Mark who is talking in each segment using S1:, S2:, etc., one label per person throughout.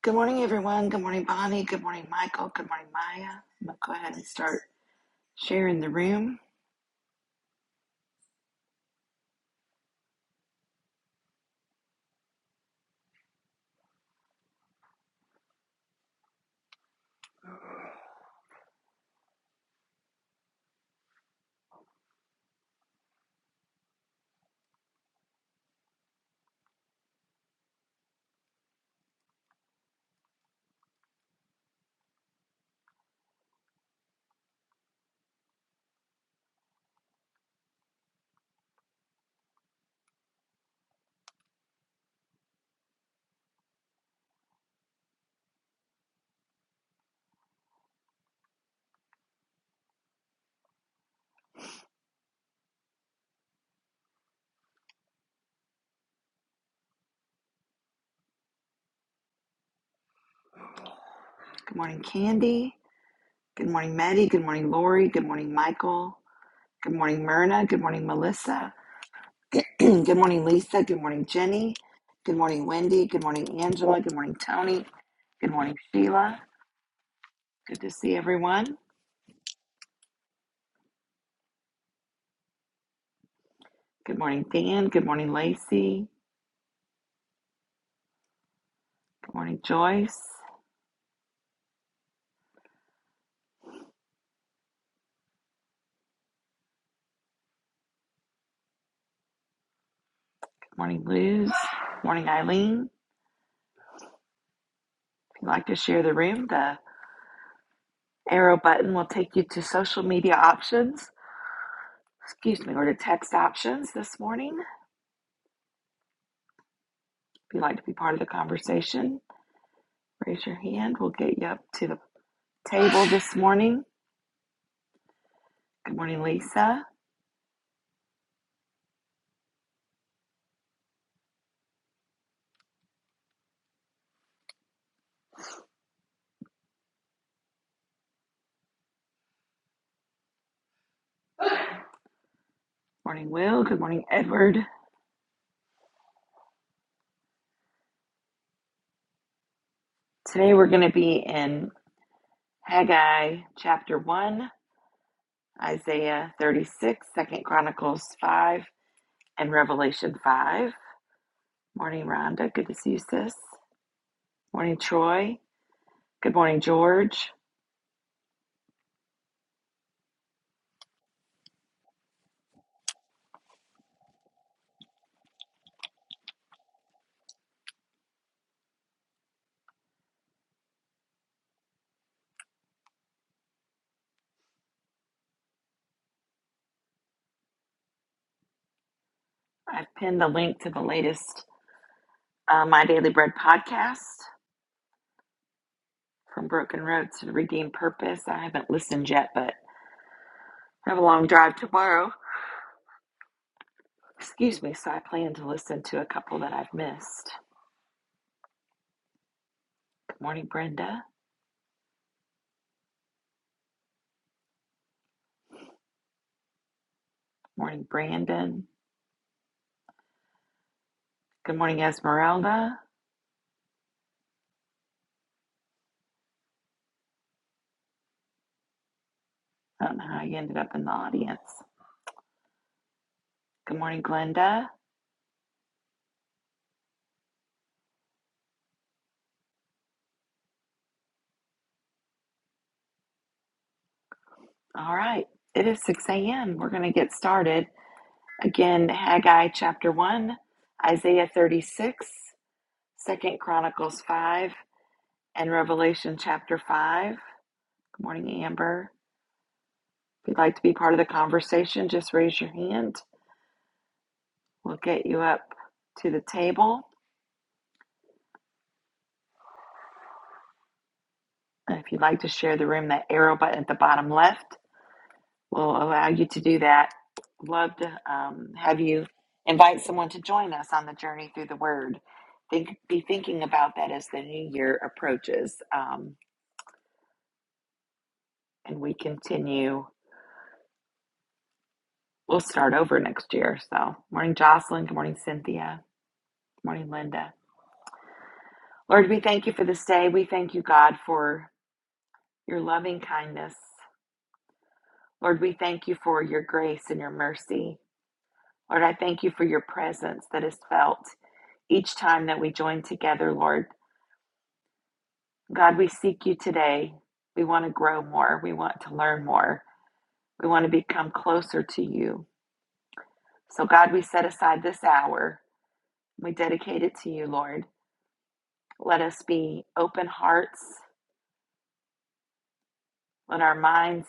S1: Good morning, everyone. Good morning, Bonnie. Good morning, Michael. Good morning, Maya. I'm going to go ahead and start sharing the room. Good morning, Candy. Good morning, Maddie. Good morning, Lori. Good morning, Michael. Good morning, Myrna. Good morning, Melissa. Good morning, Lisa. Good morning, Jenny. Good morning, Wendy. Good morning, Angela. Good morning, Tony. Good morning, Sheila. Good to see everyone. Good morning, Dan. Good morning, Lacey. Good morning, Joyce. Good morning, Luz. Good morning, Eileen. If you'd like to share the room, the Arrow button will take you to social media options, excuse me, or to text options this morning. If you'd like to be part of the conversation, raise your hand. We'll get you up to the table this morning. Good morning, Lisa. Good morning, Will. Good morning, Edward. Today we're going to be in Haggai chapter 1, Isaiah 36, Second Chronicles 5, and Revelation 5. Morning, Rhonda. Good to see you, sis. Morning, Troy. Good morning, George. I've pinned the link to the latest uh, My Daily Bread podcast from Broken Road to Redeemed Purpose. I haven't listened yet, but I have a long drive tomorrow. Excuse me, so I plan to listen to a couple that I've missed. Good morning, Brenda. Good morning, Brandon. Good morning, Esmeralda. I don't know how you ended up in the audience. Good morning, Glenda. All right, it is 6 a.m. We're going to get started. Again, Haggai chapter 1, Isaiah 36, Second Chronicles 5. and Revelation chapter 5. Good morning, Amber. If you'd like to be part of the conversation, just raise your hand. We'll get you up to the table. And if you'd like to share the room, that arrow button at the bottom left will allow you to do that. Love to um, have you invite someone to join us on the journey through the Word. Think, be thinking about that as the new year approaches, um, and we continue. We'll start over next year. So, morning, Jocelyn. Good morning, Cynthia. Good morning, Linda. Lord, we thank you for this day. We thank you, God, for your loving kindness. Lord, we thank you for your grace and your mercy. Lord, I thank you for your presence that is felt each time that we join together, Lord. God, we seek you today. We want to grow more. We want to learn more. We want to become closer to you. So, God, we set aside this hour. We dedicate it to you, Lord. Let us be open hearts. Let our minds,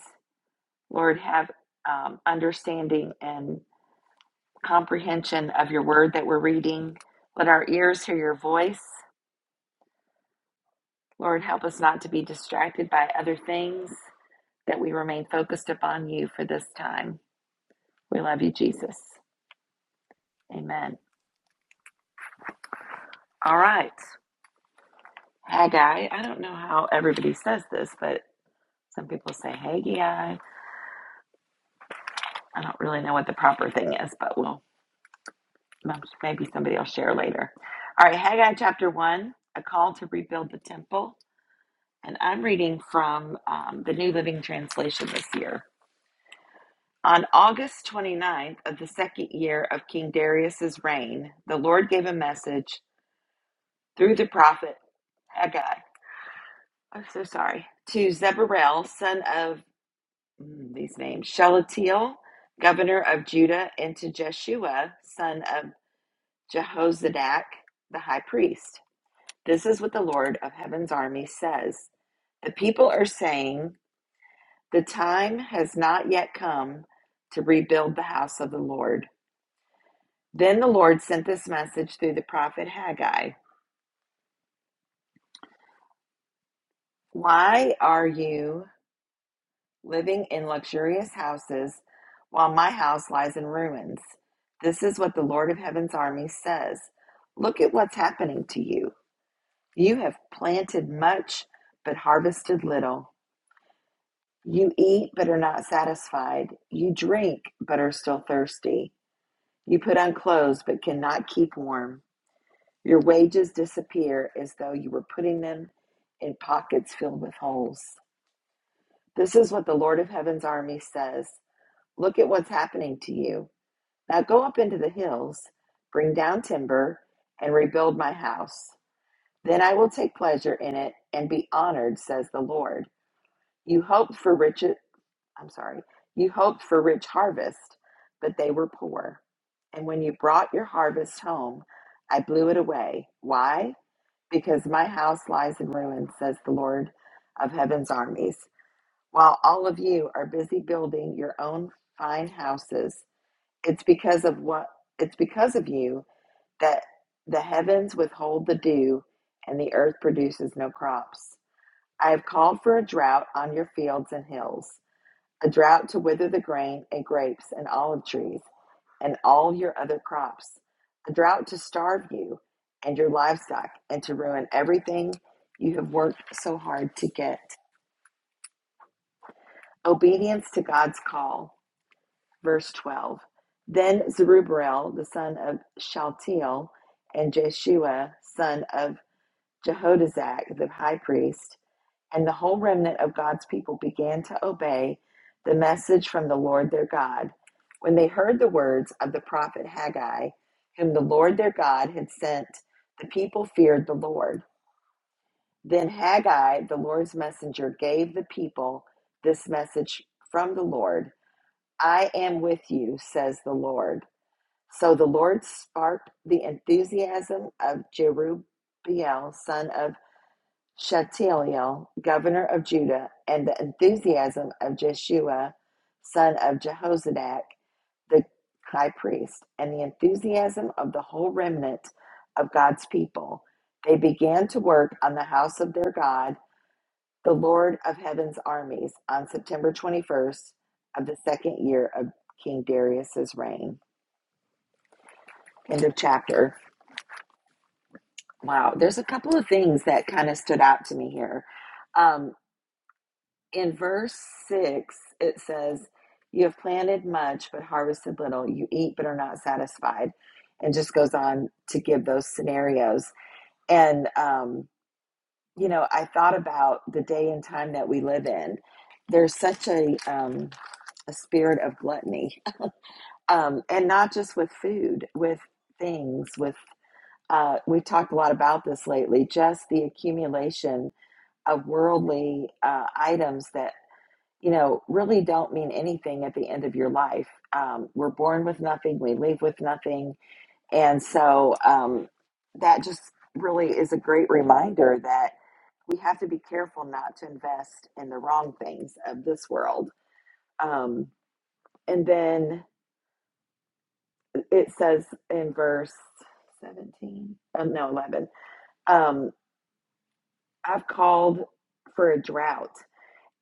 S1: Lord, have um, understanding and comprehension of your word that we're reading. Let our ears hear your voice. Lord, help us not to be distracted by other things, that we remain focused upon you for this time. We love you, Jesus. Amen. All right. Haggai, I don't know how everybody says this, but some people say Haggai. I don't really know what the proper thing is, but we'll maybe somebody will share later. All right, Haggai chapter 1, a call to rebuild the temple. And I'm reading from um, the New Living Translation this year. On August 29th of the second year of King Darius's reign, the Lord gave a message through the prophet Haggai. I'm so sorry. To Zebarel, son of mm, these names, Shelatiel, governor of Judah, and to Jeshua, son of Jehozadak, the high priest. This is what the Lord of heaven's army says. The people are saying, The time has not yet come to rebuild the house of the Lord. Then the Lord sent this message through the prophet Haggai Why are you living in luxurious houses while my house lies in ruins? This is what the Lord of Heaven's army says. Look at what's happening to you. You have planted much, but harvested little. You eat, but are not satisfied. You drink, but are still thirsty. You put on clothes but cannot keep warm. Your wages disappear as though you were putting them in pockets filled with holes. This is what the Lord of Heaven's army says Look at what's happening to you. Now go up into the hills, bring down timber, and rebuild my house. Then I will take pleasure in it and be honored, says the Lord. You hoped for riches I'm sorry, you hoped for rich harvest, but they were poor. And when you brought your harvest home, I blew it away. Why? Because my house lies in ruins, says the Lord of heaven's armies. While all of you are busy building your own fine houses, it's because of what it's because of you that the heavens withhold the dew and the earth produces no crops. I have called for a drought on your fields and hills a drought to wither the grain and grapes and olive trees and all your other crops, a drought to starve you and your livestock and to ruin everything you have worked so hard to get. Obedience to God's call. Verse 12. Then Zerubbabel, the son of Shaltiel, and Jeshua, son of Jehodazak, the high priest, And the whole remnant of God's people began to obey the message from the Lord their God. When they heard the words of the prophet Haggai, whom the Lord their God had sent, the people feared the Lord. Then Haggai, the Lord's messenger, gave the people this message from the Lord I am with you, says the Lord. So the Lord sparked the enthusiasm of Jerubbaal, son of Shealtiel, governor of Judah, and the enthusiasm of Jeshua, son of Jehozadak, the high priest, and the enthusiasm of the whole remnant of God's people. They began to work on the house of their God, the Lord of heaven's armies, on September 21st of the second year of King Darius's reign. End of chapter. Wow, there's a couple of things that kind of stood out to me here. Um, in verse 6, it says, You have planted much, but harvested little. You eat, but are not satisfied. And just goes on to give those scenarios. And, um, you know, I thought about the day and time that we live in. There's such a, um, a spirit of gluttony, um, and not just with food, with things, with uh, we've talked a lot about this lately. Just the accumulation of worldly uh, items that you know, really don't mean anything at the end of your life. Um, we're born with nothing, we leave with nothing. And so um, that just really is a great reminder that we have to be careful not to invest in the wrong things of this world. Um, and then it says in verse 17, um, no, 11, um, I've called for a drought.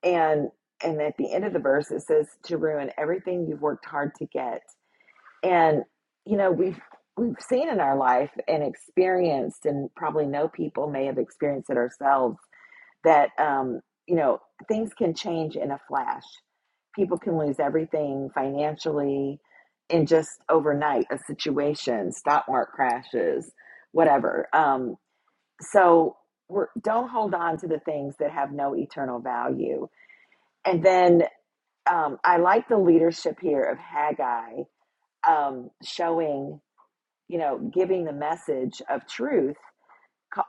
S1: And and at the end of the verse, it says to ruin everything you've worked hard to get. and you know we've we've seen in our life and experienced and probably know people may have experienced it ourselves that um you know things can change in a flash people can lose everything financially in just overnight a situation stock market crashes whatever um so we're, don't hold on to the things that have no eternal value and then um, i like the leadership here of haggai um, showing you know, giving the message of truth,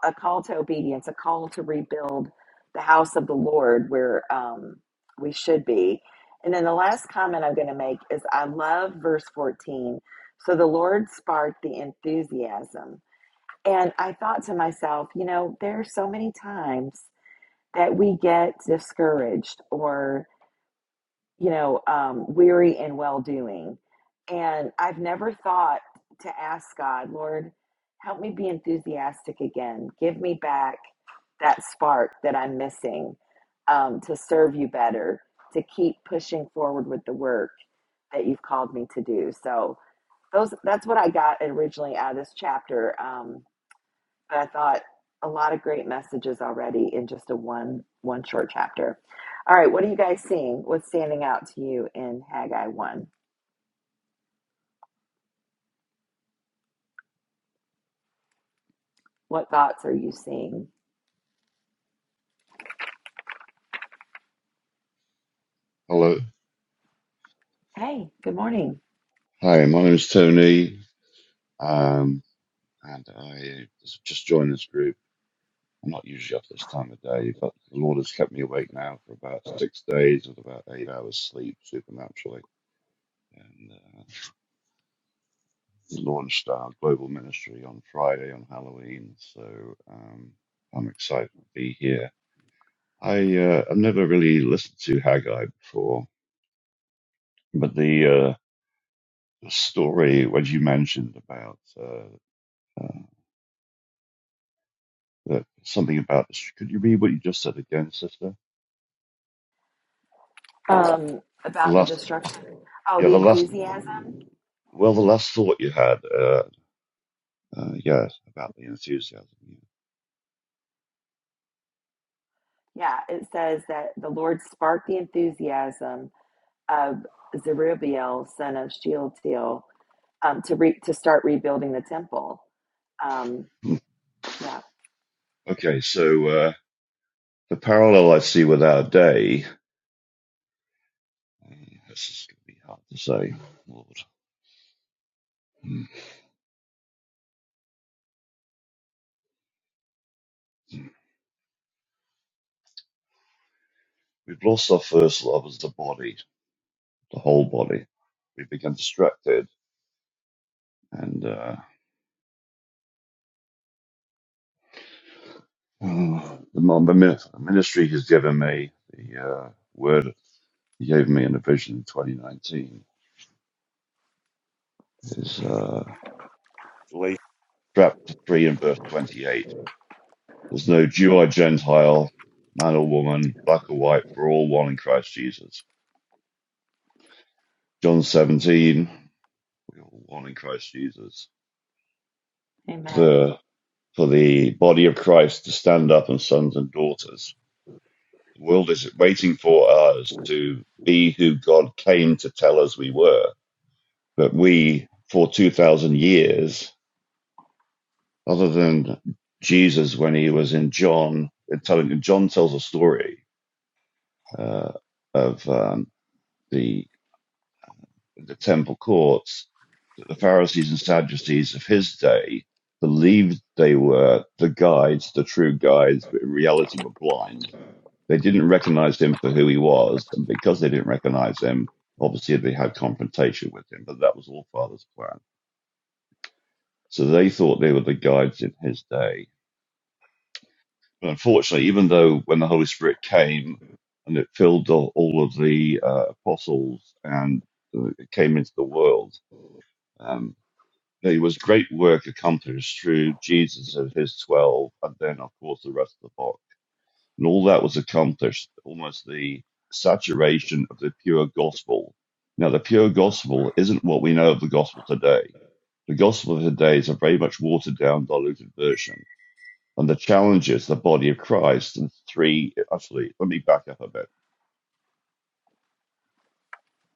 S1: a call to obedience, a call to rebuild the house of the Lord where um, we should be. And then the last comment I'm going to make is I love verse 14. So the Lord sparked the enthusiasm. And I thought to myself, you know, there are so many times that we get discouraged or you know, um, weary and well doing. And I've never thought to ask God, Lord, help me be enthusiastic again. Give me back that spark that I'm missing um, to serve you better, to keep pushing forward with the work that you've called me to do. So those that's what I got originally out of this chapter. Um, but I thought a lot of great messages already in just a one one short chapter. All right, what are you guys seeing? What's standing out to you in Haggai one? What thoughts are you seeing?
S2: Hello.
S1: Hey, good morning.
S2: Hi, my name is Tony, um, and I just joined this group. I'm not usually up this time of day, but the Lord has kept me awake now for about six days with about eight hours sleep supernaturally. And uh, we launched our global ministry on Friday on Halloween, so um, I'm excited to be here. I uh, I've never really listened to Haggai before, but the uh, story what you mentioned about uh, uh, that something about this. Could you read what you just said again, sister?
S1: Um,
S2: The
S1: about the
S2: last,
S1: destruction. Oh,
S2: yeah,
S1: the
S2: the last,
S1: enthusiasm.
S2: well, the last thought you had, uh, uh, yeah, about the enthusiasm. yeah.
S1: Yeah, it says that the Lord sparked the enthusiasm of Zerubbabel, son of Shealtiel, um, to re- to start rebuilding the temple. Um,
S2: Hmm.
S1: yeah,
S2: Okay, so uh, the parallel I see with our day, uh, this is going to be hard to say, Lord. Hmm. We've lost our first love as the body, the whole body. We become distracted, and uh, oh, the mon- the min- the ministry has given me the uh, word. he gave me in a vision in 2019 is uh, Galatians. chapter 3 and verse 28. There's no Jew or Gentile, man or woman, black or white, we're all one in Christ Jesus. John 17, we're all one in Christ Jesus.
S1: Amen.
S2: The, for the body of Christ to stand up and sons and daughters. The world is waiting for us to be who God came to tell us we were. But we, for 2,000 years, other than Jesus when he was in John, uh, telling John tells a story uh, of um, the the temple courts that the Pharisees and Sadducees of his day believed they were the guides, the true guides, but in reality were blind. They didn't recognize him for who he was, and because they didn't recognize him, obviously they had confrontation with him. But that was all Father's plan. So they thought they were the guides in his day But unfortunately, even though when the Holy Spirit came and it filled all, all of the uh, apostles and uh, it came into the world, um, there was great work accomplished through Jesus and his 12, and then, of course, the rest of the flock. And all that was accomplished, almost the saturation of the pure gospel. Now, the pure gospel isn't what we know of the gospel today. The gospel of today is a very much watered down, diluted version and the challenges the body of Christ. And three, actually, let me back up a bit.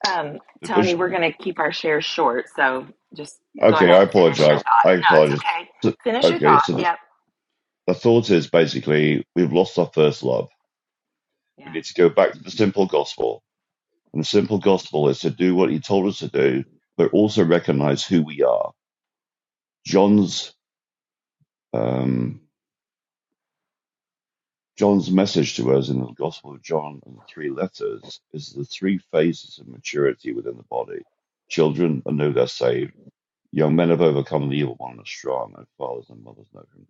S1: Um,
S2: Because,
S1: Tony, we're going to keep our shares short, so just go
S2: okay,
S1: ahead and
S2: I
S1: finish your
S2: apologize.
S1: thought.
S2: I
S1: No, it's
S2: apologize.
S1: okay.
S2: So-
S1: Finish your
S2: okay,
S1: thought.
S2: so the,
S1: Yep.
S2: the thought is basically we've lost our first love. We
S1: Yeah.
S2: need to go back to the simple gospel. And the simple gospel is to do what he told us to do, but also recognize who we are. John's um, John's message to us in the Gospel of John and the three letters is the three phases of maturity within the body. Children I know they're saved Young men have overcome the evil one are strong, and fathers and mothers know him.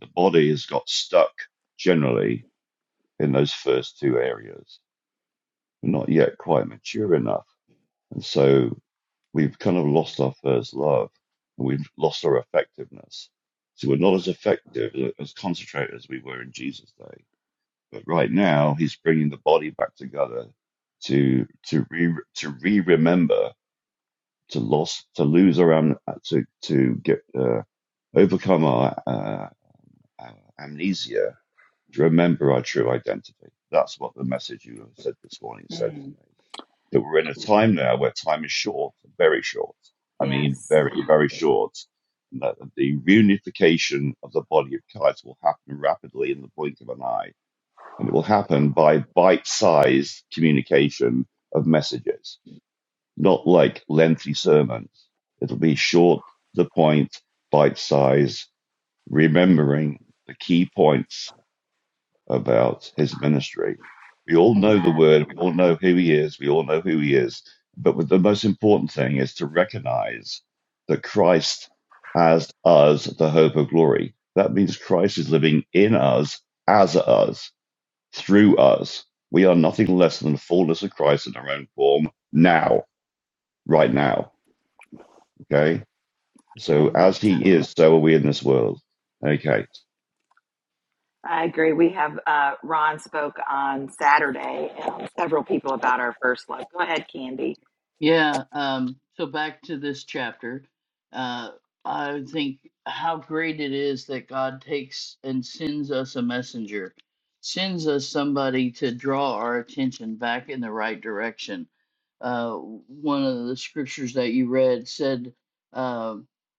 S2: The body has got stuck generally in those first two areas. We're not yet quite mature enough. And so we've kind of lost our first love and we've lost our effectiveness. So we're not as effective, as concentrated as we were in Jesus' day. But right now, he's bringing the body back together to, to re, to re-remember to loss, to lose our am- to to get uh, overcome our, uh, our amnesia to remember our true identity. That's what the message you said this morning said to
S1: Mm.
S2: me. That we're in a time now where time is short, very short. I mean,
S1: Yes.
S2: very very short. And that the reunification of the body of Christ will happen rapidly in the blink of an eye, and it will happen by bite-sized communication of messages not like lengthy sermons. It'll be short, to the point, bite size, remembering the key points about his ministry. We all
S1: Amen.
S2: know the word, we all know who he is, we all know who he is. But the most important thing is to recognize that Christ as us, the hope of glory. That means Christ is living in us, as us, through us. We are nothing less than the fullness of Christ in our own form now, right now. Okay. So
S1: Amen.
S2: as he is, so are we in this world. Okay.
S1: I agree. We have uh, Ron spoke on Saturday, and several people about our first love. Go ahead, Candy.
S3: Yeah, um, so back to this chapter. Uh, I think how great it is that God takes and sends us a messenger, sends us somebody to draw our attention back in the right direction. Uh, one of the scriptures that you read said, uh,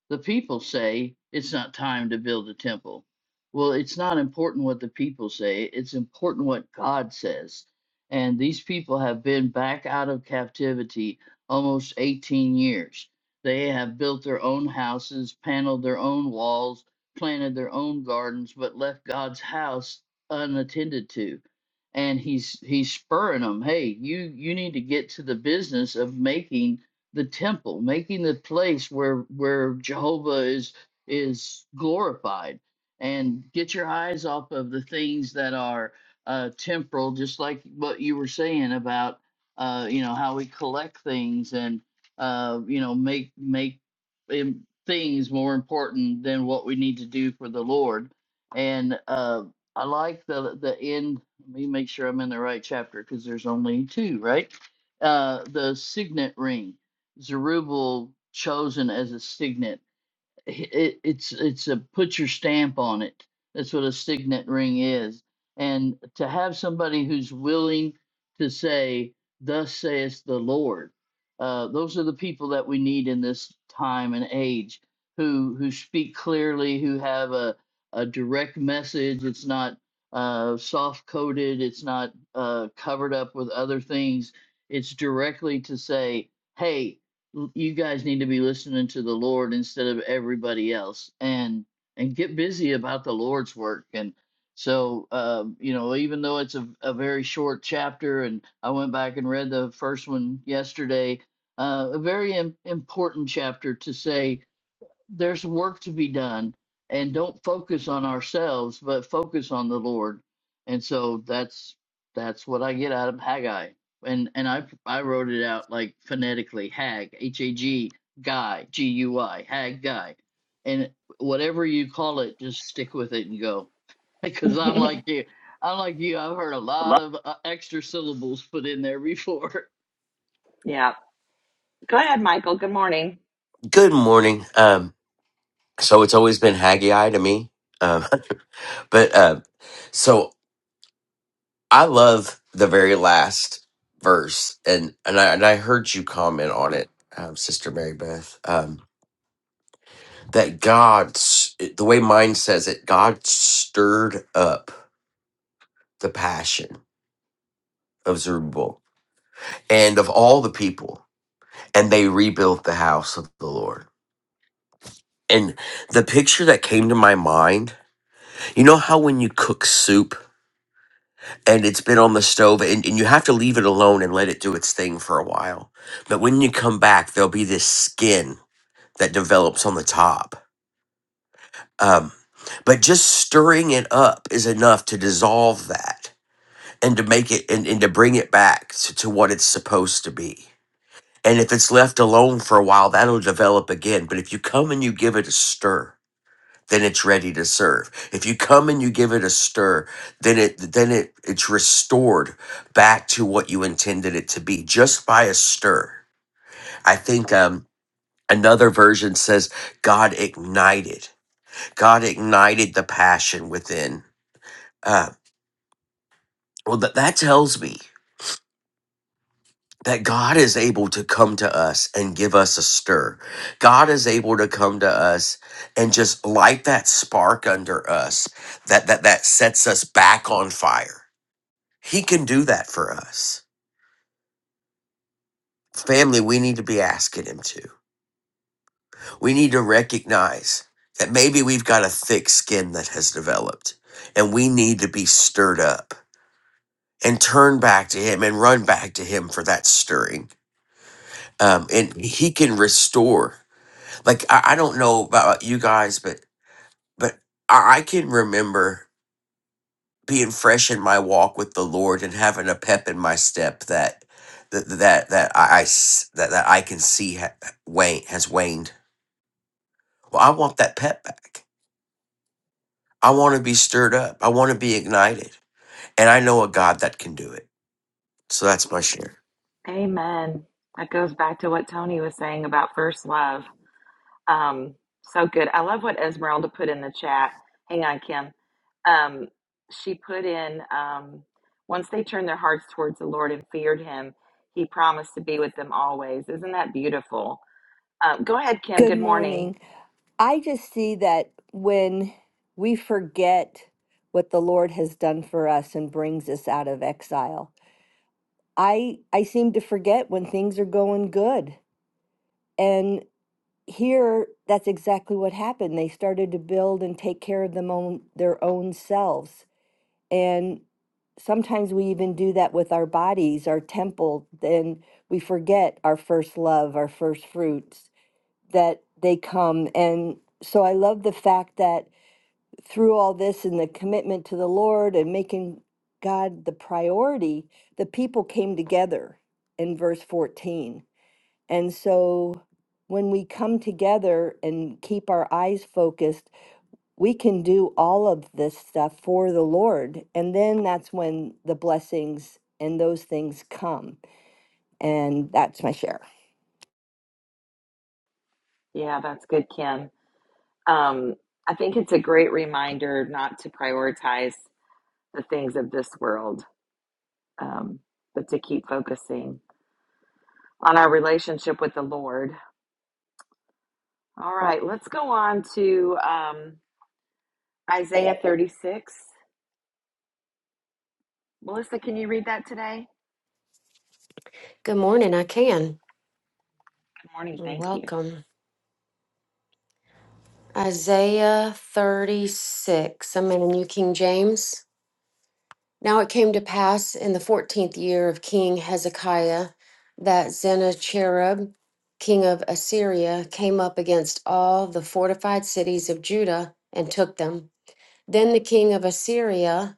S3: The people say it's not time to build a temple. Well, it's not important what the people say, it's important what God says. And these people have been back out of captivity almost 18 years. They have built their own houses, paneled their own walls, planted their own gardens, but left God's house unattended to. And he's he's spurring them, hey, you you need to get to the business of making the temple, making the place where where Jehovah is is glorified, and get your eyes off of the things that are uh, temporal, just like what you were saying about uh, you know how we collect things and uh, you know make make im- things more important than what we need to do for the Lord. And uh, I like the the end. Let me make sure I'm in the right chapter because there's only two, right? Uh, the signet ring, Zerubbabel chosen as a signet it, it's it's a put your stamp on it. That's what a signet ring is. And to have somebody who's willing to say, "Thus saith the Lord," uh, those are the people that we need in this time and age, who who speak clearly, who have a a direct message. It's not uh, soft coded. It's not uh, covered up with other things. It's directly to say, "Hey, l- you guys need to be listening to the Lord instead of everybody else and and get busy about the Lord's work and so um, you know even though it's a, a very short chapter and I went back and read the first one yesterday uh, a very im- important chapter to say there's work to be done and don't focus on ourselves but focus on the lord and so that's that's what i get out of haggai and and i i wrote it out like phonetically hag h-a-g guy g-u-i hag guy and whatever you call it just stick with it and go because i'm like you i'm like you i've heard a lot
S4: Lo-
S3: of uh, extra syllables put in there before
S1: yeah. Go ahead, Michael. Good morning.
S4: Good morning. Um, so it's always been Haggai to me. Um, but uh, so I love the very last verse, and and I and I heard you comment on it, um, Sister Mary Beth, um, that God, s- the way mine says it, God stirred up the passion of Zerubbabel and of all the people, and they rebuilt the house of the Lord. And the picture that came to my mind, you know how when you cook soup and it's been on the stove and, and you have to leave it alone and let it do its thing for a while but when you come back there'll be this skin that develops on the top um, but just stirring it up is enough to dissolve that and to make it and, and to bring it back to, to what it's supposed to be and if it's left alone for a while that'll develop again but if you come and you give it a stir then it's ready to serve. If you come and you give it a stir, then it then it it's restored back to what you intended it to be just by a stir. I think um another version says God ignited. God ignited the passion within. Uh well that that tells me that God is able to come to us and give us a stir. God is able to come to us and just light that spark under us that that that sets us back on fire He can do that for us. Family, we need to be asking him to. We need to recognize that maybe we've got a thick skin that has developed and we need to be stirred up and turn back to him and run back to him for that stirring. Um, and he can restore. Like, I, I don't know about you guys, but, but I I can remember. being fresh in my walk with the Lord and having a pep in my step that that that, that I I s- that, that I can see ha- wane has waned. Well, I want that pep back. I want to be stirred up. I want to be ignited, and I know a God that can do it. So that's my share.
S1: Amen. That goes back to what Tony was saying about first love. Um, so good. I love what Esmeralda put in the chat. Hang on, Kim. Um, she put in um, once they turned their hearts towards the Lord and feared Him, He promised to be with them always. Isn't that beautiful? Um, go ahead, Kim.
S5: Good
S1: Good morning.
S5: morning. I just see that when we forget what the Lord has done for us and brings us out of exile, I I seem to forget when things are going good. And here that's exactly what happened. They started to build and take care of them own, their own selves. And sometimes we even do that with our bodies, our temple, then we forget our first love, our first fruits that they come. And so I love the fact that through all this and the commitment to the Lord and making God the priority, the people came together in verse 14. And so when we come together and keep our eyes focused, we can do all of this stuff for the Lord. And then that's when the blessings and those things come. And that's my share.
S1: Yeah, that's good, Kim. Um, I think it's a great reminder not to prioritize the things of this world, um, but to keep focusing. on our relationship with the Lord. All right, let's go on to um, Isaiah 36. Melissa, can you read that today?
S6: Good morning. I can.
S1: Good morning. Thank you.
S6: welcome. Isaiah 36. I'm in the New King James. Now it came to pass in the 14th year of King Hezekiah that Sennacherib, king of Assyria, came up against all the fortified cities of Judah and took them. Then the king of Assyria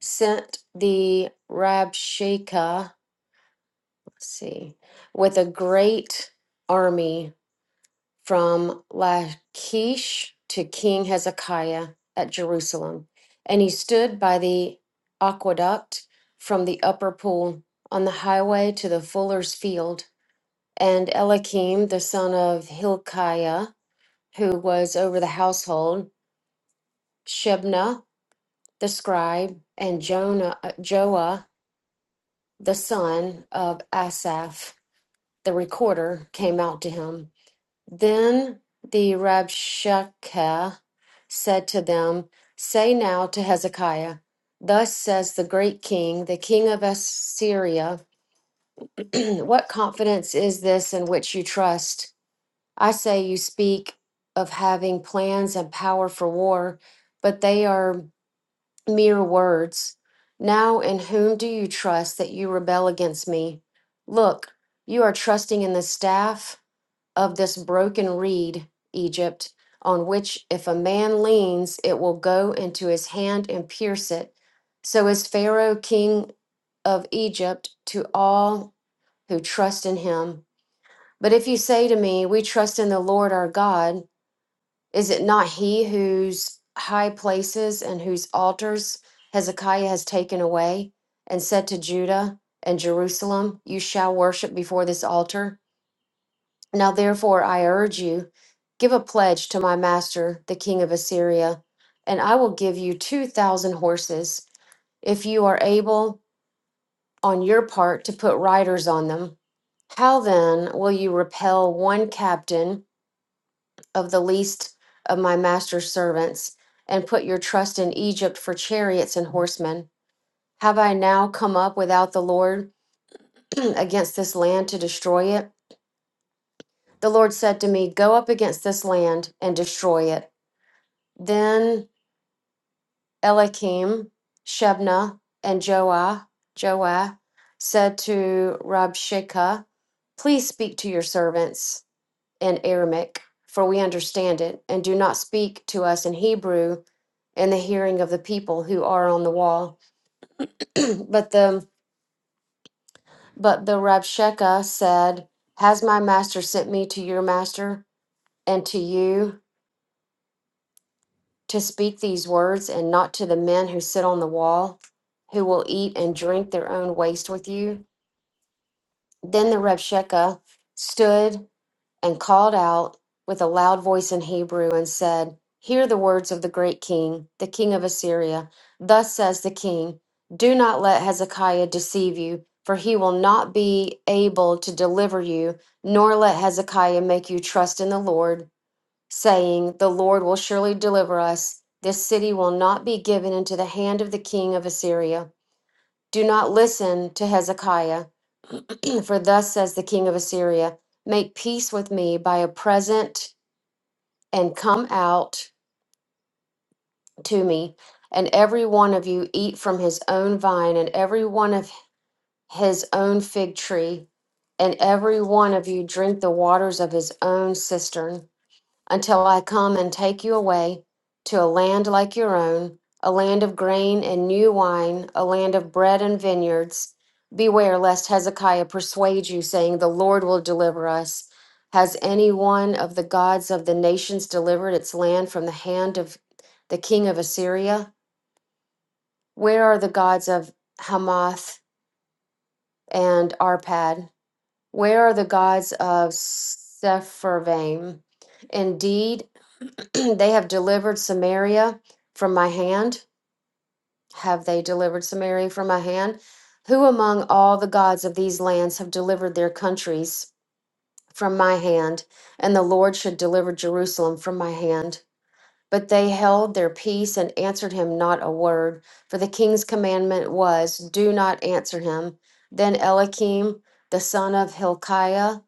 S6: sent the Rabshakeh, let's see, with a great army from Lachish to King Hezekiah at Jerusalem. And he stood by the aqueduct from the upper pool on the highway to the fuller's field. And Eliakim, the son of Hilkiah, who was over the household, Shebna, the scribe, and Jonah, uh, Joah, the son of Asaph, the recorder, came out to him Then the Rabshakeh said to them, Say now to Hezekiah, Thus says the great king, the king of Assyria, What confidence is this in which you trust? I say you speak of having plans and power for war, but they are mere words. Now, in whom do you trust that you rebel against me? Look, you are trusting in the staff of this broken reed, Egypt, on which if a man leans, it will go into his hand and pierce it. So is Pharaoh king of Egypt to all who trust in him. But if you say to me, We trust in the Lord our God, is it not he whose high places and whose altars Hezekiah has taken away and said to Judah and Jerusalem, You shall worship before this altar? Now therefore I urge you, give a pledge to my master, the king of Assyria, and I will give you 2,000 horses, if you are able on your part to put riders on them. How then will you repel one captain of the least of my master's servants, and put your trust in Egypt for chariots and horsemen? Have I now come up without the Lord against this land to destroy it? The Lord said to me, Go up against this land and destroy it Then Elikim, Shebna, and Joah, Joah said to Rabshakeh, Please speak to your servants in Aramaic, for we understand it, and do not speak to us in Hebrew in the hearing of the people who are on the wall. but the but the Rabshakeh said, Has my master sent me to your master and to you? to speak these words and not to the men who sit on the wall, who will eat and drink their own waste with you. Then the Revshakeh stood and called out with a loud voice in Hebrew and said, Hear the words of the great king, the king of Assyria. Thus says the king, Do not let Hezekiah deceive you, for he will not be able to deliver you, nor let Hezekiah make you trust in the Lord saying, The Lord will surely deliver us. This city will not be given into the hand of the king of Assyria. Do not listen to Hezekiah, for thus says the king of Assyria Make peace with me by a present and come out to me, and every one of you eat from his own vine, and every one of his own fig tree, and every one of you drink the waters of his own cistern. until I come and take you away to a land like your own, a land of grain and new wine, a land of bread and vineyards. Beware lest Hezekiah persuade you, saying, The Lord will deliver us. Has any one of the gods of the nations delivered its land from the hand of the king of Assyria? Where are the gods of Hamath and Arpad? Where are the gods of Sepharvaim? Indeed, they have delivered Samaria from my hand. Have they delivered Samaria from my hand? Who among all the gods of these lands have delivered their countries from my hand? And the Lord should deliver Jerusalem from my hand. But they held their peace and answered him not a word. For the king's commandment was, Do not answer him. Then Eliakim, the son of Hilkiah,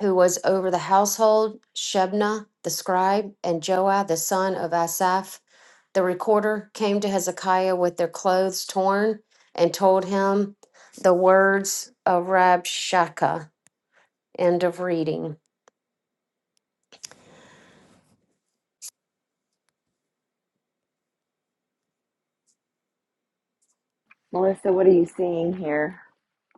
S6: who was over the household, Shebna the scribe, and Joah the son of Asaph, the recorder came to Hezekiah with their clothes torn and told him the words of Rabshakeh. End of reading.
S1: Melissa, what are you seeing here?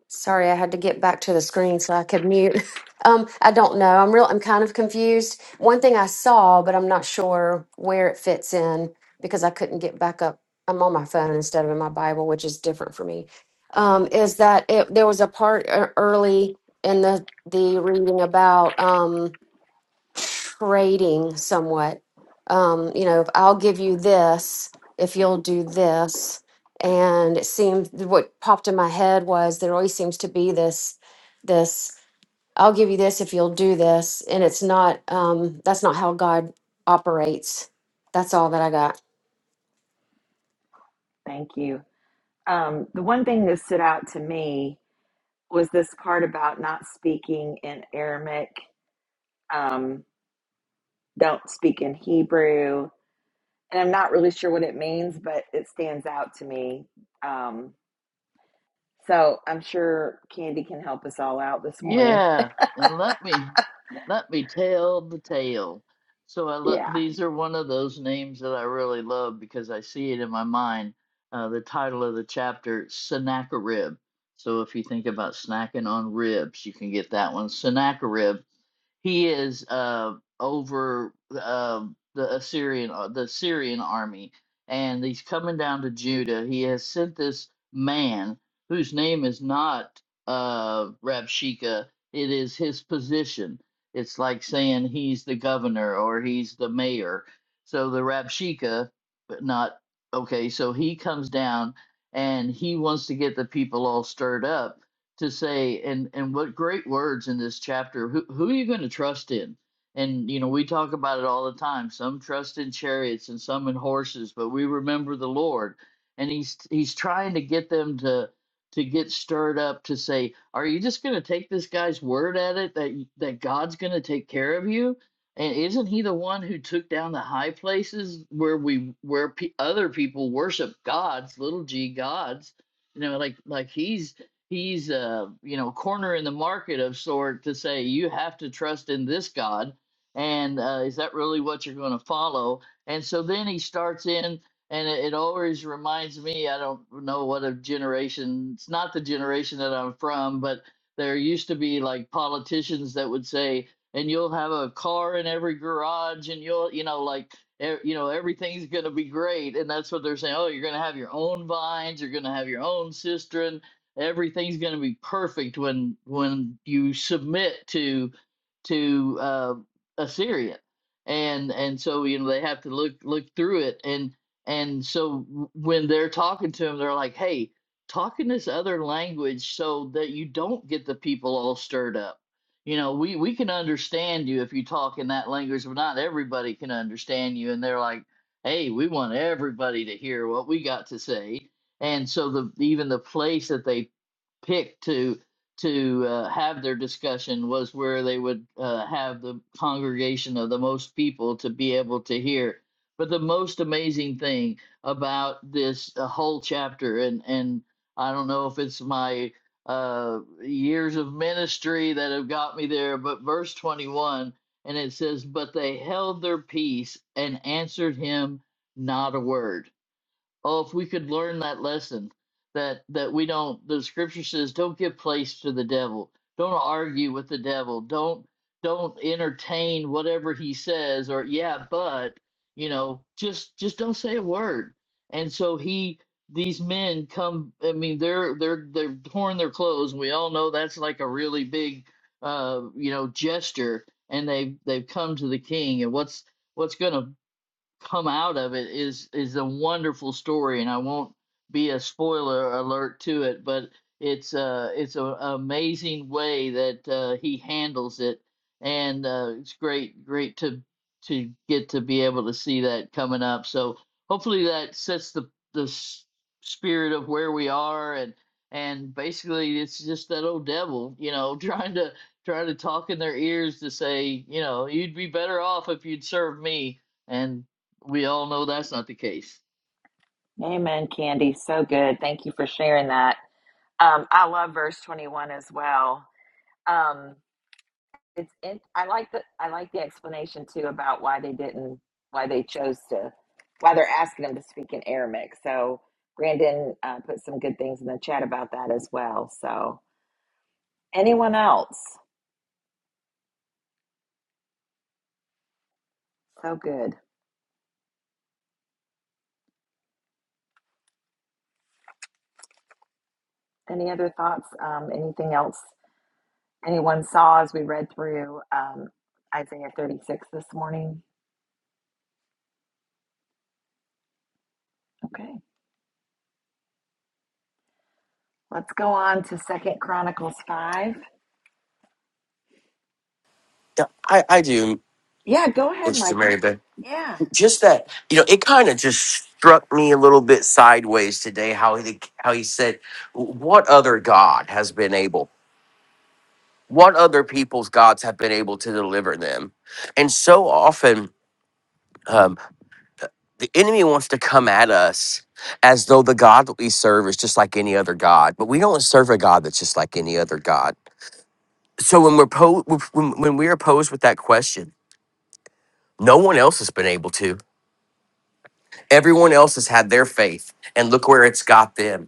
S6: Sorry, I had to get back to the screen so I could mute. Um, I don't know. I'm real. I'm kind of confused. One thing I saw, but I'm not sure where it fits in because I couldn't get back up. I'm on my phone instead of in my Bible, which is different for me. Um, is that it, there was a part uh, early in the the reading about? Um, trading somewhat. Um, you know, I'll give you this if you'll do this. And it seemed what popped in my head was there always seems to be this, this, I'll give you this if you'll do this. And it's not, um, that's not how God operates. That's all that I got.
S1: Thank you. Um, the one thing that stood out to me was this part about not speaking in Aramaic, um, don't speak in Hebrew. And I'm not really sure what it means, but it stands out to me. Um, so I'm sure Candy can help us all out this morning.
S3: Yeah, and let me let me tell the tale. So I lo-
S1: Yeah.
S3: these are one of those names that I really love because I see it in my mind. Uh, the title of the chapter, Sennacherib. So if you think about snacking on ribs, you can get that one, Sennacherib. He is uh, over uh, the Assyrian uh, the Syrian army, and he's coming down to Judah. He has sent this man whose name is not uh, Rabshakeh. It is his position. It's like saying he's the governor or he's the mayor. So the Rabshakeh, but not okay. So he comes down and he wants to get the people all stirred up to say and and what great words in this chapter who who are you going to trust in and you know we talk about it all the time some trust in chariots and some in horses but we remember the lord and he's he's trying to get them to to get stirred up to say are you just going to take this guy's word at it that y- that god's going to take care of you and isn't he the one who took down the high places where we where pe other people worship gods little g gods you know like like he's he's a you know corner in the market of sort to say you have to trust in this God, and uh, is that really what you're going to follow? And so then he starts in, and it, it always reminds me. I don't know what a generation. It's not the generation that I'm from, but there used to be like politicians that would say, and you'll have a car in every garage, and you'll you know like e- you know everything's going to be great and that's what they're saying oh you're going to have your own vines you're going to have your own cistern everything's going to be perfect when when you submit to to uh, Assyria, and and so you know they have to look look through it, and and so when they're talking to him, they're like, hey, talk in this other language so that you don't get the people all stirred up. You know, we we can understand you if you talk in that language, but not everybody can understand you. And they're like, hey, we want everybody to hear what we got to say and so the even the place that they picked to to uh, have their discussion was where they would uh, have the congregation of the most people to be able to hear. But the most amazing thing about this uh, whole chapter, and and I don't know if it's my uh, years of ministry that have got me there, but verse twenty one, and it says, "But they held their peace and answered him not a word." Oh, if we could learn that lesson that that we don't the scripture says don't give place to the devil. Don't argue with the devil. Don't don't entertain whatever he says or yeah, but you know, just just don't say a word. And so he these men come I mean they're they're they're torn their clothes and we all know that's like a really big uh you know gesture and they have they've they've come to the king and what's what's going to come out of it is is a wonderful story and i won't be a spoiler alert to it but it's uh it's an amazing way that uh, he handles it and uh, it's great great to to get to be able to see that coming up so hopefully that sets the the s- spirit of where we are and and basically it's just that old devil you know trying to trying to talk in their ears to say you know you'd be better off if you'd serve me and we all know that's not the case.
S1: Amen, Candy. So good. Thank you for sharing that. Um, I love verse 21 as well. Um, it's it, I like the I like the explanation too about why they didn't why they chose to why they're asking them to speak in Aramaic. So Brandon uh, put some good things in the chat about that as well. So anyone else? So good. Any other thoughts? Um, anything else anyone saw as we read through um, Isaiah 36 this morning? Okay. Let's go on to Second Chronicles 5.
S4: Yeah, I I do,
S1: Yeah, go ahead,
S4: Mr. Mary
S1: Michael.
S4: Beth.
S1: Yeah.
S4: Just that you know, it kind of just struck me a little bit sideways today how he how he said, "What other God has been able?" what other people's gods have been able to deliver them. And so often, um, the enemy wants to come at us as though the God that we serve is just like any other God, but we don't serve a God that's just like any other God. So when we're po- when, when we are posed with that question, no one else has been able to. Everyone else has had their faith, and look where it's got them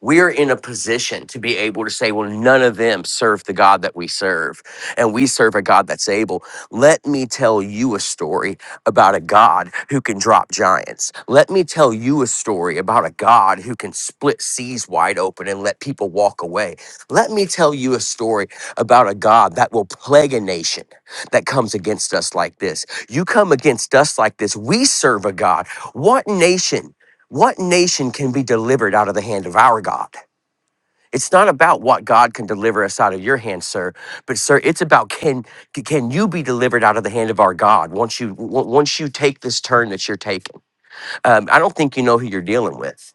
S4: we are in a position to be able to say, well, none of them serve the God that we serve, and we serve a God that's able. Let me tell you a story about a God who can drop giants. Let me tell you a story about a God who can split seas wide open and let people walk away. Let me tell you a story about a God that will plague a nation that comes against us like this. You come against us like this, we serve a God. What nation? What nation can be delivered out of the hand of our God? It's not about what God can deliver us out of your hand, sir, but sir, it's about can c- can you be delivered out of the hand of our God once you w- once you take this turn that you're taking? Um, I don't think you know who you're dealing with,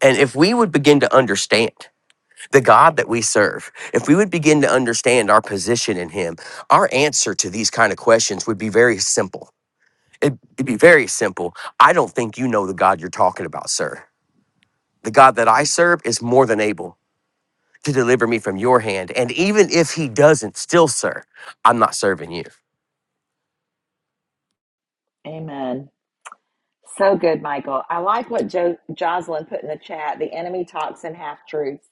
S4: and if we would begin to understand the God that we serve, if we would begin to understand our position in Him, our answer to these kind of questions would be very simple. It'd, it'd be very simple. I don't think you know the God you're talking about, sir. The God that I serve is more than able to deliver me from your hand. And even if he doesn't, still, sir, I'm not serving you.
S1: Amen. So good, Michael. I like what jo- Jocelyn put in the chat. The enemy talks in half truths.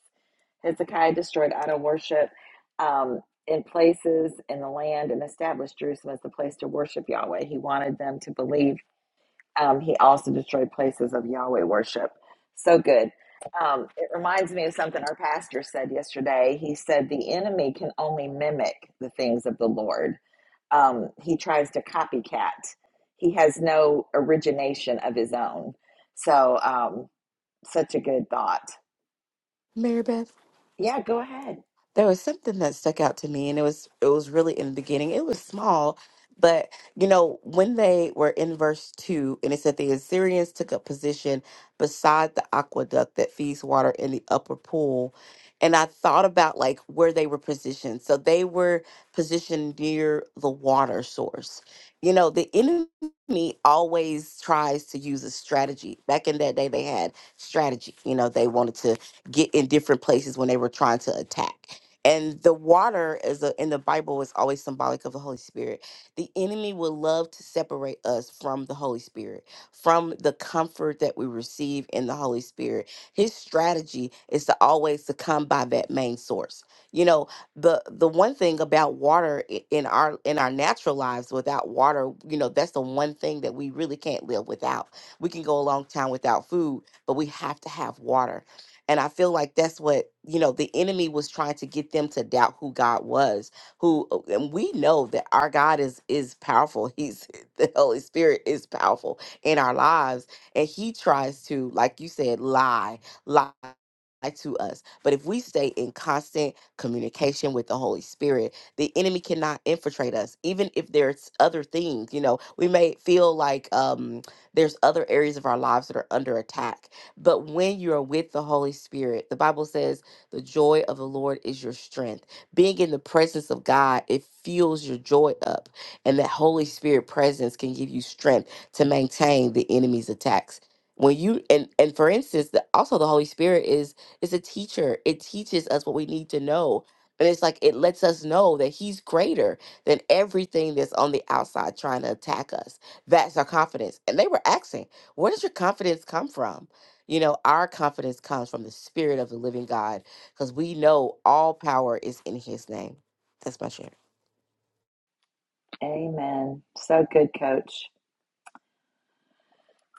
S1: Hezekiah destroyed idol worship um, in places in the land and established Jerusalem as the place to worship Yahweh. He wanted them to believe Um, he also destroyed places of Yahweh worship. So good. Um, it reminds me of something our pastor said yesterday. He said, The enemy can only mimic the things of the Lord, um, he tries to copycat. He has no origination of his own. So, um, such a good thought.
S7: Mary Beth
S1: Yeah, go ahead.
S7: there was something that stuck out to me and it was it was really in the beginning it was small but you know when they were in verse 2 and it said the assyrians took up position beside the aqueduct that feeds water in the upper pool and i thought about like where they were positioned so they were positioned near the water source you know the enemy always tries to use a strategy back in that day they had strategy you know they wanted to get in different places when they were trying to attack and the water is a, in the Bible is always symbolic of the Holy Spirit. The enemy would love to separate us from the Holy Spirit, from the comfort that we receive in the Holy Spirit. His strategy is to always to come by that main source. You know, the the one thing about water i- in our in our natural lives without water, you know, that's the one thing that we really can't live without. We can go a long time without food, but we have to have water and I feel like that's what, you know, the enemy was trying to get them to doubt who God was, who uh, and we know that our God is is powerful. He's the Holy Spirit is powerful in our lives. And he tries to, like you said, lie, lie to us. But if we stay in constant communication with the Holy Spirit, the enemy cannot infiltrate us. Even if there's other things, you know, we may feel like um there's other areas of our lives that are under attack but when you are with the Holy Spirit, the Bible says the joy of the Lord is your strength. Being in the presence of God, it fuels your joy up. And that Holy Spirit presence can give you strength to maintain the enemy's attacks. When you and and for instance, the, also the Holy Spirit is is a teacher. It teaches us what we need to know. And it's like it lets us know that he's greater than everything that's on the outside trying to attack us. That's our confidence. And they were asking, where does your confidence come from? You know, our confidence comes from the Spirit of the living God because we know all power is in His name. That's my share.
S1: Amen. So good, coach.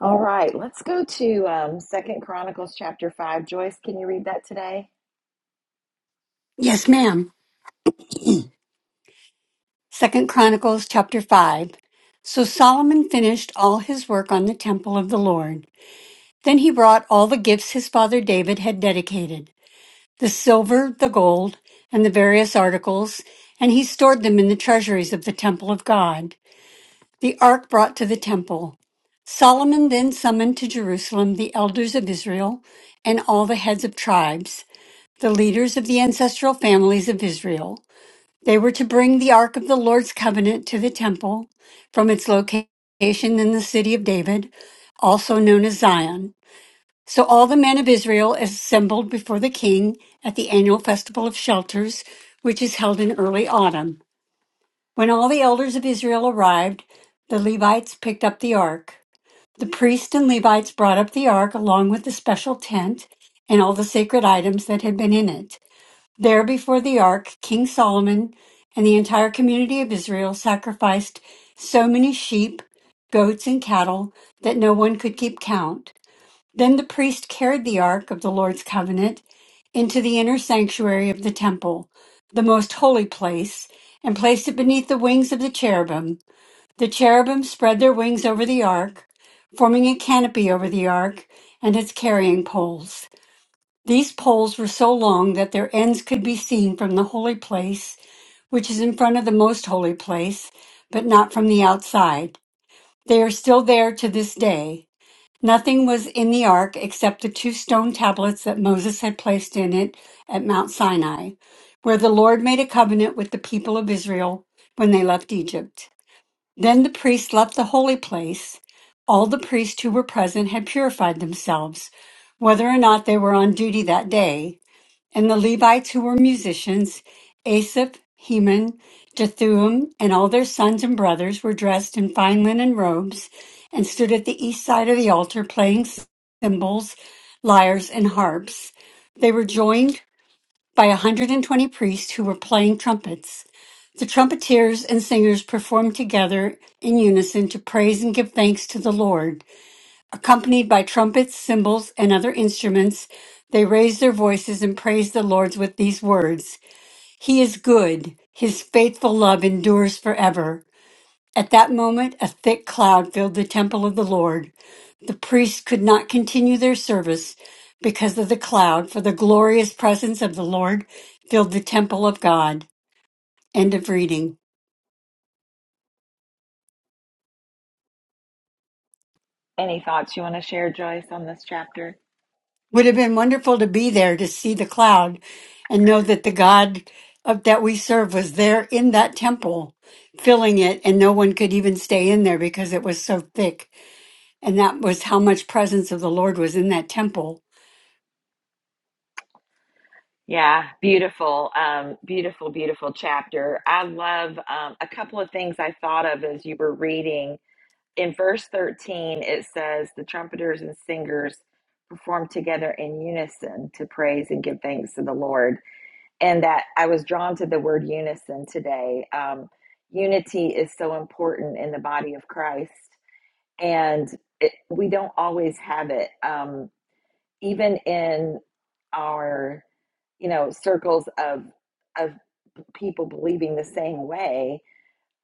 S1: All right, let's go to um, Second Chronicles chapter 5. Joyce, can you read that today?
S8: Yes, ma'am. Second Chronicles chapter 5. So Solomon finished all his work on the temple of the Lord. Then he brought all the gifts his father David had dedicated, the silver, the gold, and the various articles, and he stored them in the treasuries of the temple of God. The ark brought to the temple. Solomon then summoned to Jerusalem the elders of Israel and all the heads of tribes, the leaders of the ancestral families of Israel. They were to bring the Ark of the Lord's covenant to the temple from its location in the city of David, also known as Zion. So all the men of Israel assembled before the king at the annual festival of shelters, which is held in early autumn. When all the elders of Israel arrived, the Levites picked up the ark. The priests and Levites brought up the ark along with the special tent and all the sacred items that had been in it. There before the ark, King Solomon and the entire community of Israel sacrificed so many sheep, goats, and cattle that no one could keep count. Then the priest carried the ark of the Lord's covenant into the inner sanctuary of the temple, the most holy place, and placed it beneath the wings of the cherubim. The cherubim spread their wings over the ark, forming a canopy over the ark and its carrying poles. These poles were so long that their ends could be seen from the holy place, which is in front of the most holy place, but not from the outside. They are still there to this day. Nothing was in the ark except the two stone tablets that Moses had placed in it at Mount Sinai, where the Lord made a covenant with the people of Israel when they left Egypt. Then the priests left the holy place. All the priests who were present had purified themselves, whether or not they were on duty that day. And the Levites who were musicians, Asaph, Heman, Jethuim, and all their sons and brothers were dressed in fine linen robes and stood at the east side of the altar playing cymbals, lyres, and harps. They were joined by 120 priests who were playing trumpets. The trumpeters and singers performed together in unison to praise and give thanks to the Lord. Accompanied by trumpets, cymbals, and other instruments, they raised their voices and praised the Lord with these words He is good, His faithful love endures forever. At that moment, a thick cloud filled the temple of the Lord. The priests could not continue their service because of the cloud, for the glorious presence of the Lord filled the temple of God. End of reading.
S1: Any thoughts you want to share, Joyce, on this chapter?
S8: Would have been wonderful to be there to see the cloud and know that the God of, that we serve was there in that temple, filling it, and no one could even stay in there because it was so thick. And that was how much presence of the Lord was in that temple.
S1: Yeah, beautiful, um, beautiful, beautiful chapter. I love um, a couple of things I thought of as you were reading. In verse 13, it says, The trumpeters and singers perform together in unison to praise and give thanks to the Lord. And that I was drawn to the word unison today. Um, unity is so important in the body of Christ, and it, we don't always have it. Um, even in our you know circles of of people believing the same way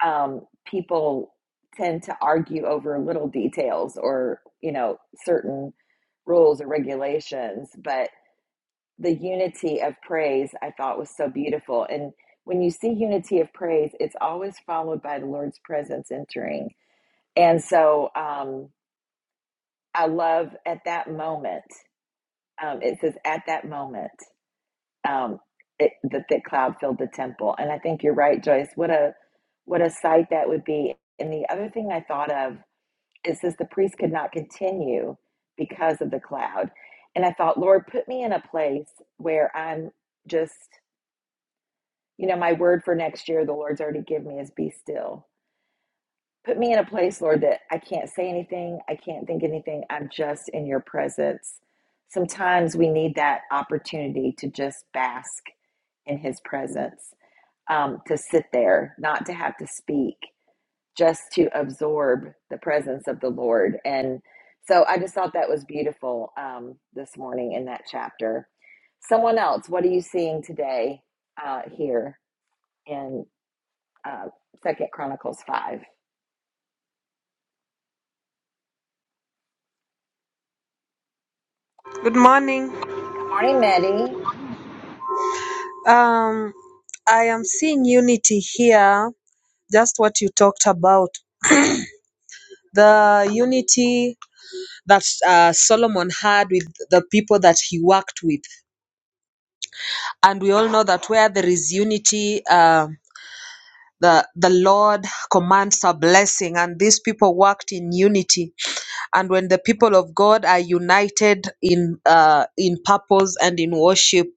S1: um, people tend to argue over little details or you know certain rules or regulations but the unity of praise i thought was so beautiful and when you see unity of praise it's always followed by the lord's presence entering and so um, i love at that moment um, it says at that moment um, it, the thick cloud filled the temple. And I think you're right, Joyce. What a what a sight that would be. And the other thing I thought of is says the priest could not continue because of the cloud. And I thought, Lord, put me in a place where I'm just, you know, my word for next year, the Lord's already given me is be still. Put me in a place, Lord, that I can't say anything, I can't think anything. I'm just in your presence. Sometimes we need that opportunity to just bask in his presence um, to sit there, not to have to speak, just to absorb the presence of the Lord. And so I just thought that was beautiful um, this morning in that chapter. Someone else, what are you seeing today uh, here in uh, Second Chronicles five? Good
S9: Good morning.
S1: morning, Maddie.
S9: Um, I am seeing unity here, just what you talked about. The unity that uh, Solomon had with the people that he worked with. And we all know that where there is unity, um the, the Lord commands a blessing, and these people worked in unity. And when the people of God are united in uh, in purpose and in worship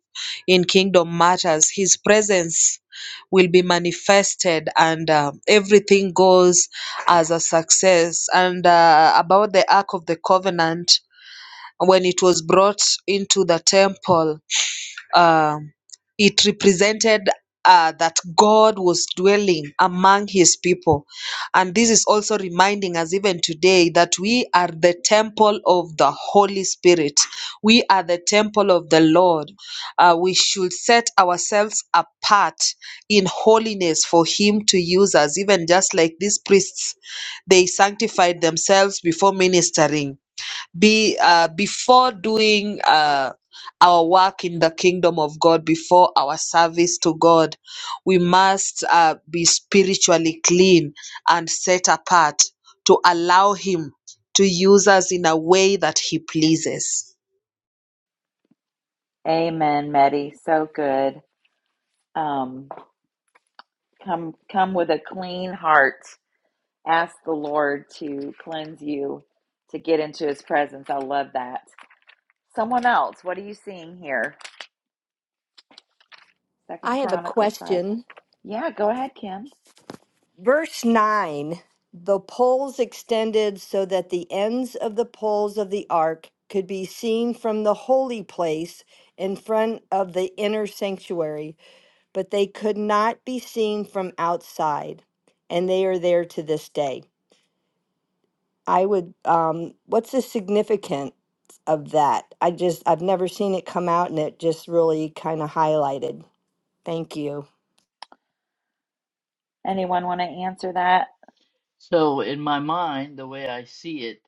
S9: in kingdom matters, His presence will be manifested and uh, everything goes as a success. And uh, about the Ark of the Covenant, when it was brought into the temple, uh, it represented uh, that God was dwelling among his people. And this is also reminding us, even today, that we are the temple of the Holy Spirit. We are the temple of the Lord. Uh, we should set ourselves apart in holiness for him to use us, even just like these priests, they sanctified themselves before ministering be uh, before doing uh, our work in the kingdom of God, before our service to God, we must uh, be spiritually clean and set apart to allow Him to use us in a way that He pleases.
S1: Amen, Meddy. So good. Um, come, come with a clean heart. Ask the Lord to cleanse you, to get into His presence. I love that. Someone else, what are you seeing here?
S5: I
S1: Second
S5: have a
S1: Chronicles 5.
S5: question
S1: Yeah, go ahead, Kim.
S5: Verse 9 The poles extended so that the ends of the poles of the ark could be seen from the holy place in front of the inner sanctuary, but they could not be seen from outside. And they are there to this day. I would, um, what's the significance of that? I just, I've never seen it come out and it just really kind of highlighted. Thank you.
S1: Anyone want to answer that?
S3: So in my mind, the way I see it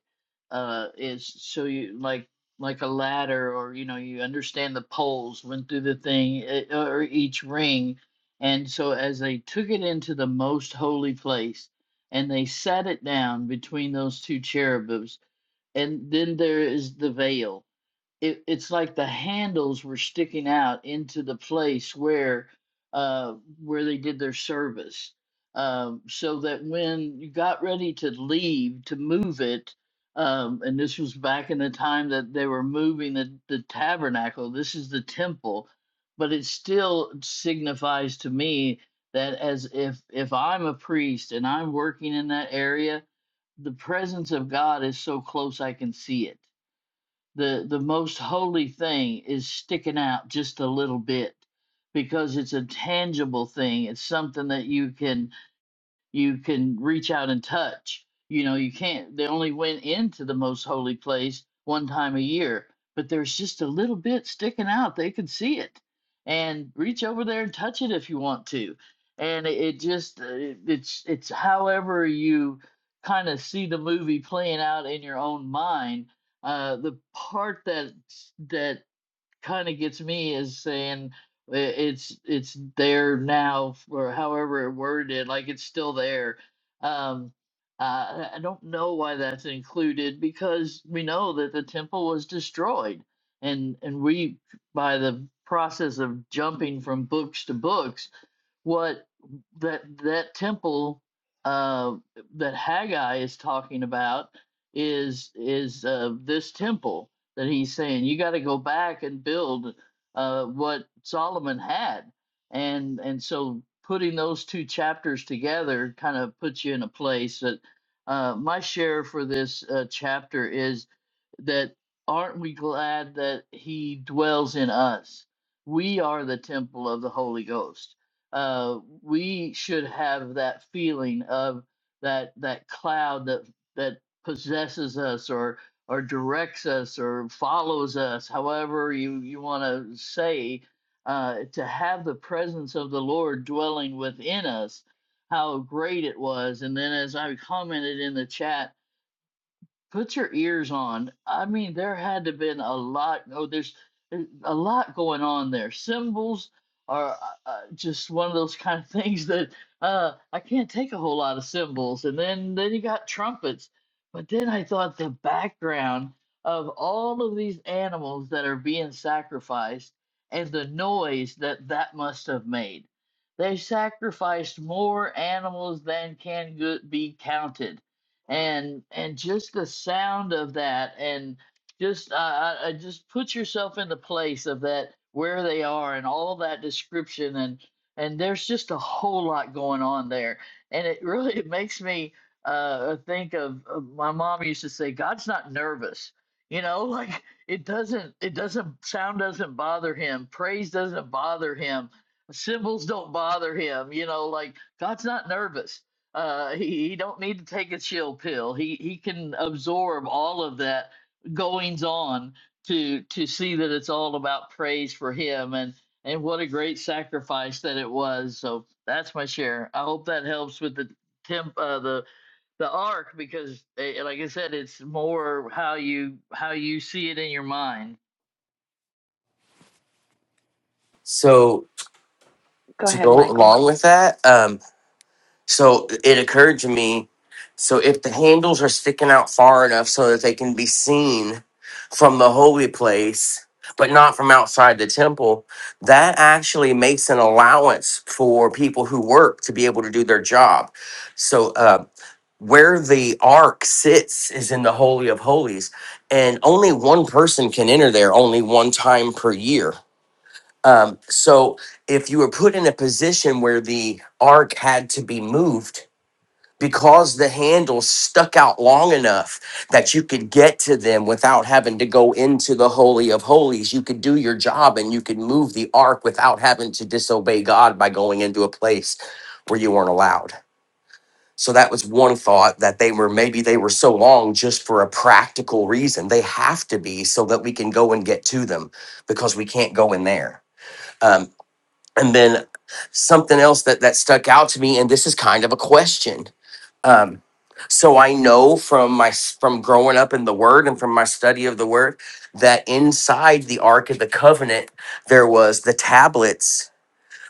S3: uh, is so you like like a ladder, or you know, you understand the poles went through the thing eh, or each ring, and so as they took it into the most holy place, and they sat it down between those two cherubims, and then there is the veil. it, it's like the handles were sticking out into the place where uh where they did their service um so that when you got ready to leave to move it um and this was back in the time that they were moving the, the tabernacle this is the temple but it still signifies to me that as if if i'm a priest and i'm working in that area the presence of god is so close i can see it the the most holy thing is sticking out just a little bit because it's a tangible thing it's something that you can you can reach out and touch. You know, you can't, they only went into the most holy place one time a year, but there's just a little bit sticking out. They could see it and reach over there and touch it if you want to. And it, it just, uh, it, it's, it's however you kind of see the movie playing out in your own mind. Uh, the part that, that kind of gets me is saying i- it's it's there now or however it worded like it's still there um uh, i I don't know why that's included because we know that the temple was destroyed and and we by the process of jumping from books to books what that that temple uh, that Haggai is talking about is is uh, this temple that he's saying you got to go back and build uh, what Solomon had, and and so putting those two chapters together kind of puts you in a place that uh, my share for this uh, chapter is that aren't we glad that he dwells in us? We are the temple of the Holy Ghost. Uh, we should have that feeling of that that cloud that that possesses us or or directs us or follows us, however you you want to say. Uh, to have the presence of the Lord dwelling within us, how great it was! And then, as I commented in the chat Put your ears on. I mean, there had to been a lot. Oh, there's there's a lot going on there. Symbols are uh, uh, just one of those kind of things that uh, I can't take a whole lot of symbols. And then then you got trumpets. But then I thought the background of all of these animals that are being sacrificed and the noise that that must have made. They sacrificed more animals than can go- be counted and and just the sound of that and just I I I just put yourself in the place of that where they are and all that description and and there's just a whole lot going on there and it really it makes me uh think of, of my mom used to say God's not nervous you know like it doesn't it doesn't sound doesn't bother him praise doesn't bother him symbols don't bother him you know like God's not nervous uh, he, he don't need to take a chill pill. He he can absorb all of that goings on to to see that it's all about praise for him and and what a great sacrifice that it was. So that's my share. I hope that helps with the temp uh, the the arc because eh, like I said, it's more how you how you see it in your mind.
S4: So,
S1: Go
S4: to
S1: ahead,
S4: go
S1: Michael.
S4: along with that, um, so it occurred to me so if the handles are sticking out far enough so that they can be seen from the holy place, but not from outside the temple, that actually makes an allowance for people who work to be able to do their job. So, um, where the ark sits is in the holy of holies and only one person can enter there only one time per year um, so if you were put in a position where the ark had to be moved because the handle stuck out long enough that you could get to them without having to go into the holy of holies you could do your job and you could move the ark without having to disobey god by going into a place where you weren't allowed so that was one thought that they were maybe they were so long just for a practical reason. They have to be so that we can go and get to them because we can't go in there. Um, and then something else that that stuck out to me, and this is kind of a question. Um, so I know from my s- from growing up in the Word and from my study of the Word that inside the Ark of the Covenant there was the tablets,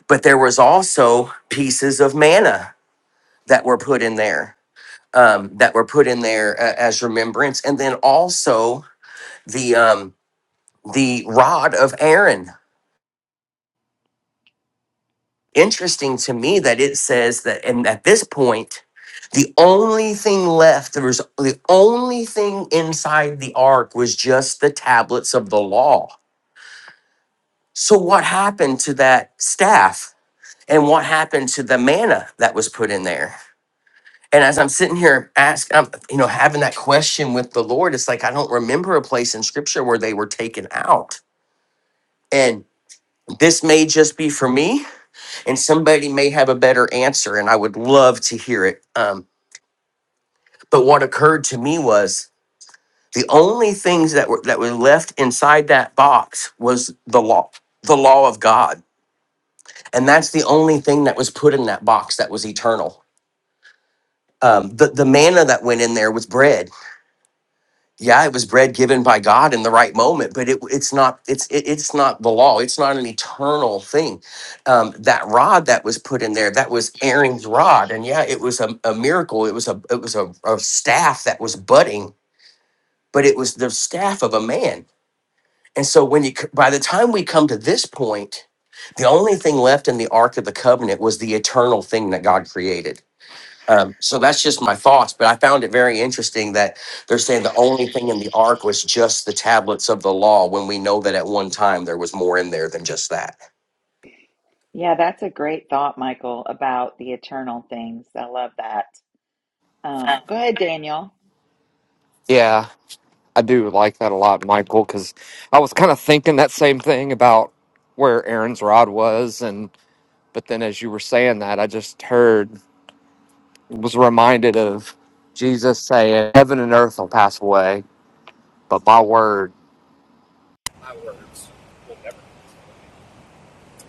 S4: but there was also pieces of manna that were put in there um, that were put in there uh, as remembrance, and then also the um, the rod of Aaron. Interesting to me that it says that, and at this point, the only thing left there was the only thing inside the ark was just the tablets of the law. So what happened to that staff, and what happened to the manna that was put in there? And as I'm sitting here asking, I'm, you know, having that question with the Lord, it's like I don't remember a place in Scripture where they were taken out. And this may just be for me, and somebody may have a better answer, and I would love to hear it. Um, but what occurred to me was the only things that were that were left inside that box was the law, the law of God, and that's the only thing that was put in that box that was eternal. Um, the the manna that went in there was bread yeah, it was bread given by God in the right moment, but it, it's not it's it, it's not the law. It's not an eternal thing. Um, that rod that was put in there, that was Aaron's rod, and yeah, it was a, a miracle. It was a it was a, a staff that was budding, but it was the staff of a man. And so when you c- by the time we come to this point, the only thing left in the ark of the covenant was the eternal thing that God created um, so that's just my thoughts, but I found it very interesting that they're saying the only thing in the ark was just the tablets of the law when we know that at one time there was more in there than just that.
S1: Yeah, that's a great thought, Michael, about the eternal things. I love that. Um, go ahead, Daniel.
S10: Yeah, I do like that a lot, Michael, because I was kind of thinking that same thing about where Aaron's rod was, and but then as you were saying that, I just heard was reminded of Jesus saying, "Heaven and earth will pass away, but my word."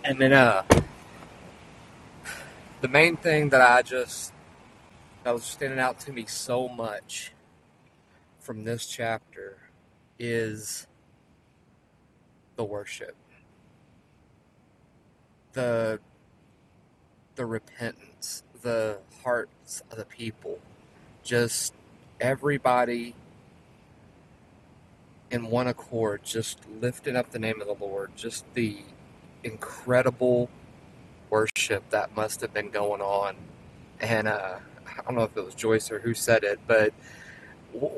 S10: And then uh, the main thing that I just that was standing out to me so much from this chapter is the worship. the repentance, the hearts of the people, just everybody in one accord, just lifting up the name of the Lord, just the incredible worship that must have been going on. And uh, I don't know if it was Joyce or who said it, but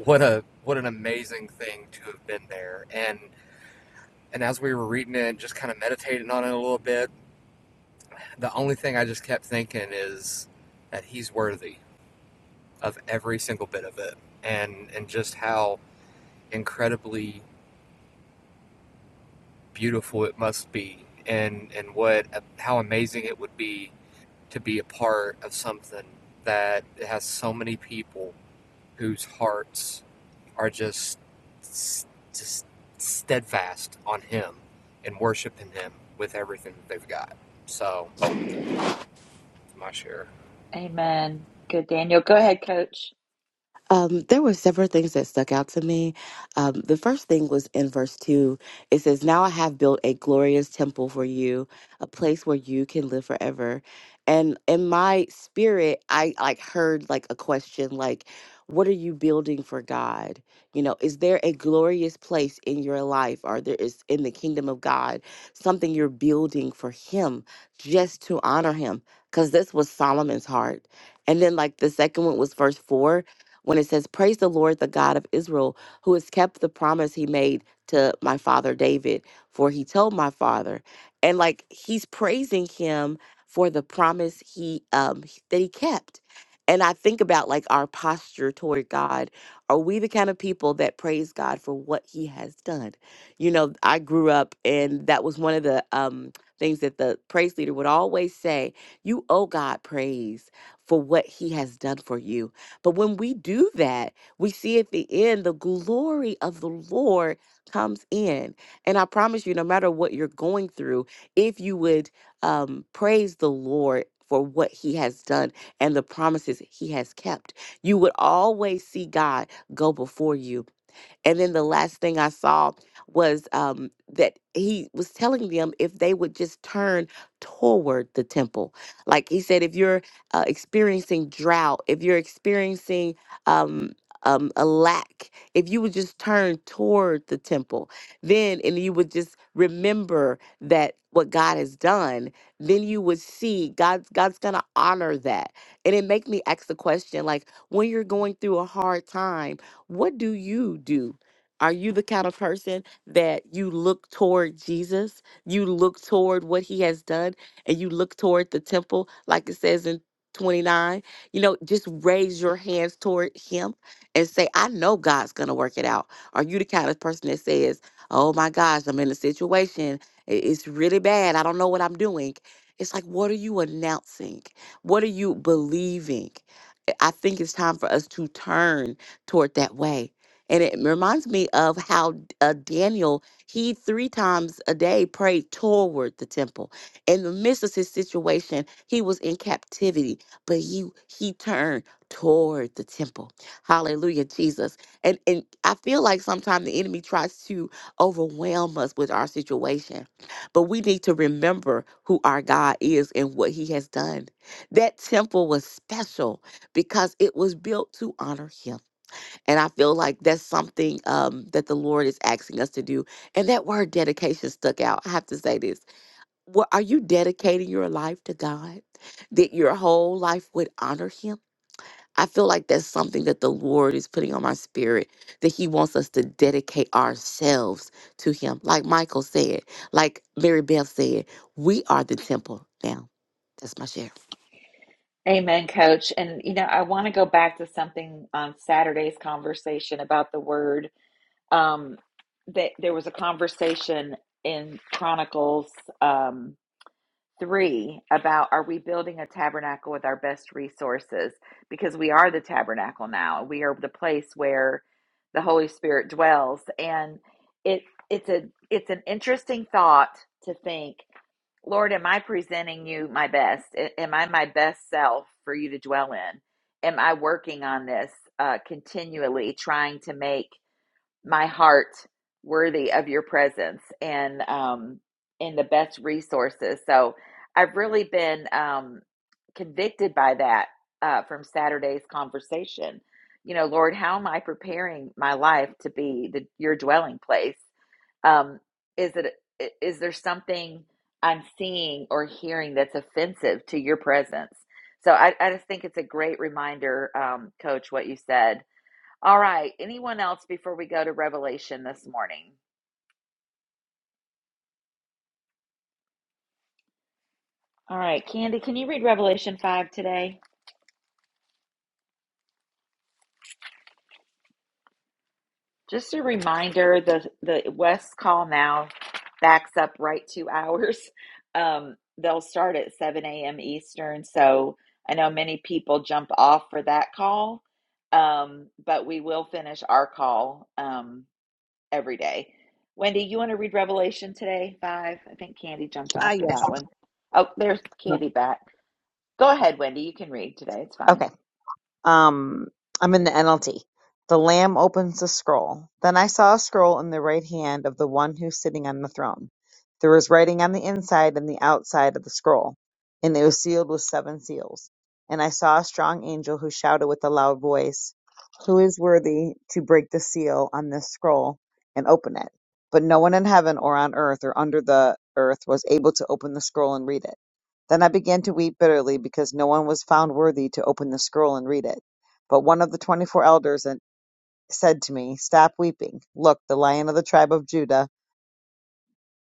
S10: what a what an amazing thing to have been there. And and as we were reading it and just kind of meditating on it a little bit, the only thing I just kept thinking is that He's worthy. of every single bit of it and and just how incredibly beautiful it must be and and what how amazing it would be to be a part of something that has so many people whose hearts are just just steadfast on him and worshiping him with everything that they've got so my share
S1: Amen. Good, Daniel. Go ahead, coach.
S7: Um, there were several things that stuck out to me. Um, the first thing was in verse 2. It says, Now I have built a glorious temple for you, a place where you can live forever. And in my spirit, I like heard like a question like, What are you building for God? You know, is there a glorious place in your life or there is in the kingdom of God something you're building for Him just to honor Him? Because this was Solomon's heart. And then, like, the second one was verse 4 when it says, Praise the Lord, the God of Israel, who has kept the promise he made to my father David, for he told my father. And like he's praising him for the promise he um h- that he kept. And I think about like our posture toward God. Are we the kind of people that praise God for what he has done? You know, I grew up and that was one of the um things that the praise leader would always say, you owe God praise for what he has done for you but when we do that, we see at the end the glory of the Lord comes in. And I promise you, no matter what you're going through, if you would um, praise the Lord for what he has done and the promises he has kept, you would always see God go before you and then the last thing I saw was um, that he was telling them if they would just turn toward the temple. Like he said, if you're uh, experiencing drought, if you're experiencing um, um, a lack, if you would just turn toward the temple, then, and you would just remember that what God has done, then you would see God's God's gonna honor that. And it make me ask the question, like when you're going through a hard time, what do you do? Are you the kind of person that you look toward Jesus? You look toward what he has done and you look toward the temple, like it says in 29. You know, just raise your hands toward him and say, I know God's going to work it out. Are you the kind of person that says, Oh my gosh, I'm in a situation. i- It's really bad. I don't know what I'm doing. It's like, what are you announcing? What are you believing? I think it's time for us to turn toward that way. And it reminds me of how uh, Daniel, he three times a day prayed toward the temple. In the midst of his situation, he was in captivity, but he he turned toward the temple. Hallelujah, Jesus. And and I feel like sometimes the enemy tries to overwhelm us with our situation, but we need to remember who our God is and what He has done. That temple was special because it was built to honor him. And I feel like that's something um, that the Lord is asking us to do. And that word dedication stuck out. I have to say this. What, are you dedicating your life to God that your whole life would honor him? I feel like that's something that the Lord is putting on my spirit that he wants us to dedicate ourselves to him. Like Michael said, like Mary Beth said, we are the temple now. That's my share.
S1: Amen, coach. And, you know, I want to go back to something on Saturday's conversation about the word. Um, that there was a conversation in Chronicles. Um, three about are we building a tabernacle with our best resources because we are the tabernacle now we are the place where the holy spirit dwells and it it's a it's an interesting thought to think lord am i presenting you my best A- am i my best self for you to dwell in am i working on this uh, continually trying to make my heart worthy of your presence and um and the best resources so i've really been um convicted by that uh from saturday's conversation you know lord how am i preparing my life to be the your dwelling place um is it is there something i'm seeing or hearing that's offensive to your presence so i, I just think it's a great reminder um coach what you said all right. Anyone else before we go to Revelation this morning? All right, Candy, can you read Revelation 5 today? Just a reminder, the the West call now backs up right two hours. Um, they'll start at 7 a.m. Eastern. So I know many people jump off for that call, um, but we will finish our call um, every day. Wendy, you want to read Revelation today? Five. I think Candy jumped
S11: Ah,
S1: off for
S11: yes.
S1: that one. Oh, there's Candy back. Go ahead, Wendy. You can read today. It's fine.
S11: Okay. Um, I'm gonna see. The land is a scroll. Then I saw a scroll in the right hand of the one who's sitting on the throne. There was writing on the inside and the outside of the scroll, and it was sealed with seven seals. And I saw a strong angel who shouted with a loud voice, Who is worthy to break the seal on this scroll and open it? But no one in heaven or on earth or under the earth was able to open the scroll and read it. Then I began to weep bitterly because no one was found worthy to open the scroll and read it. But one of the twenty four elders and- said to me, Stop weeping. Look, the lion of the tribe of Judah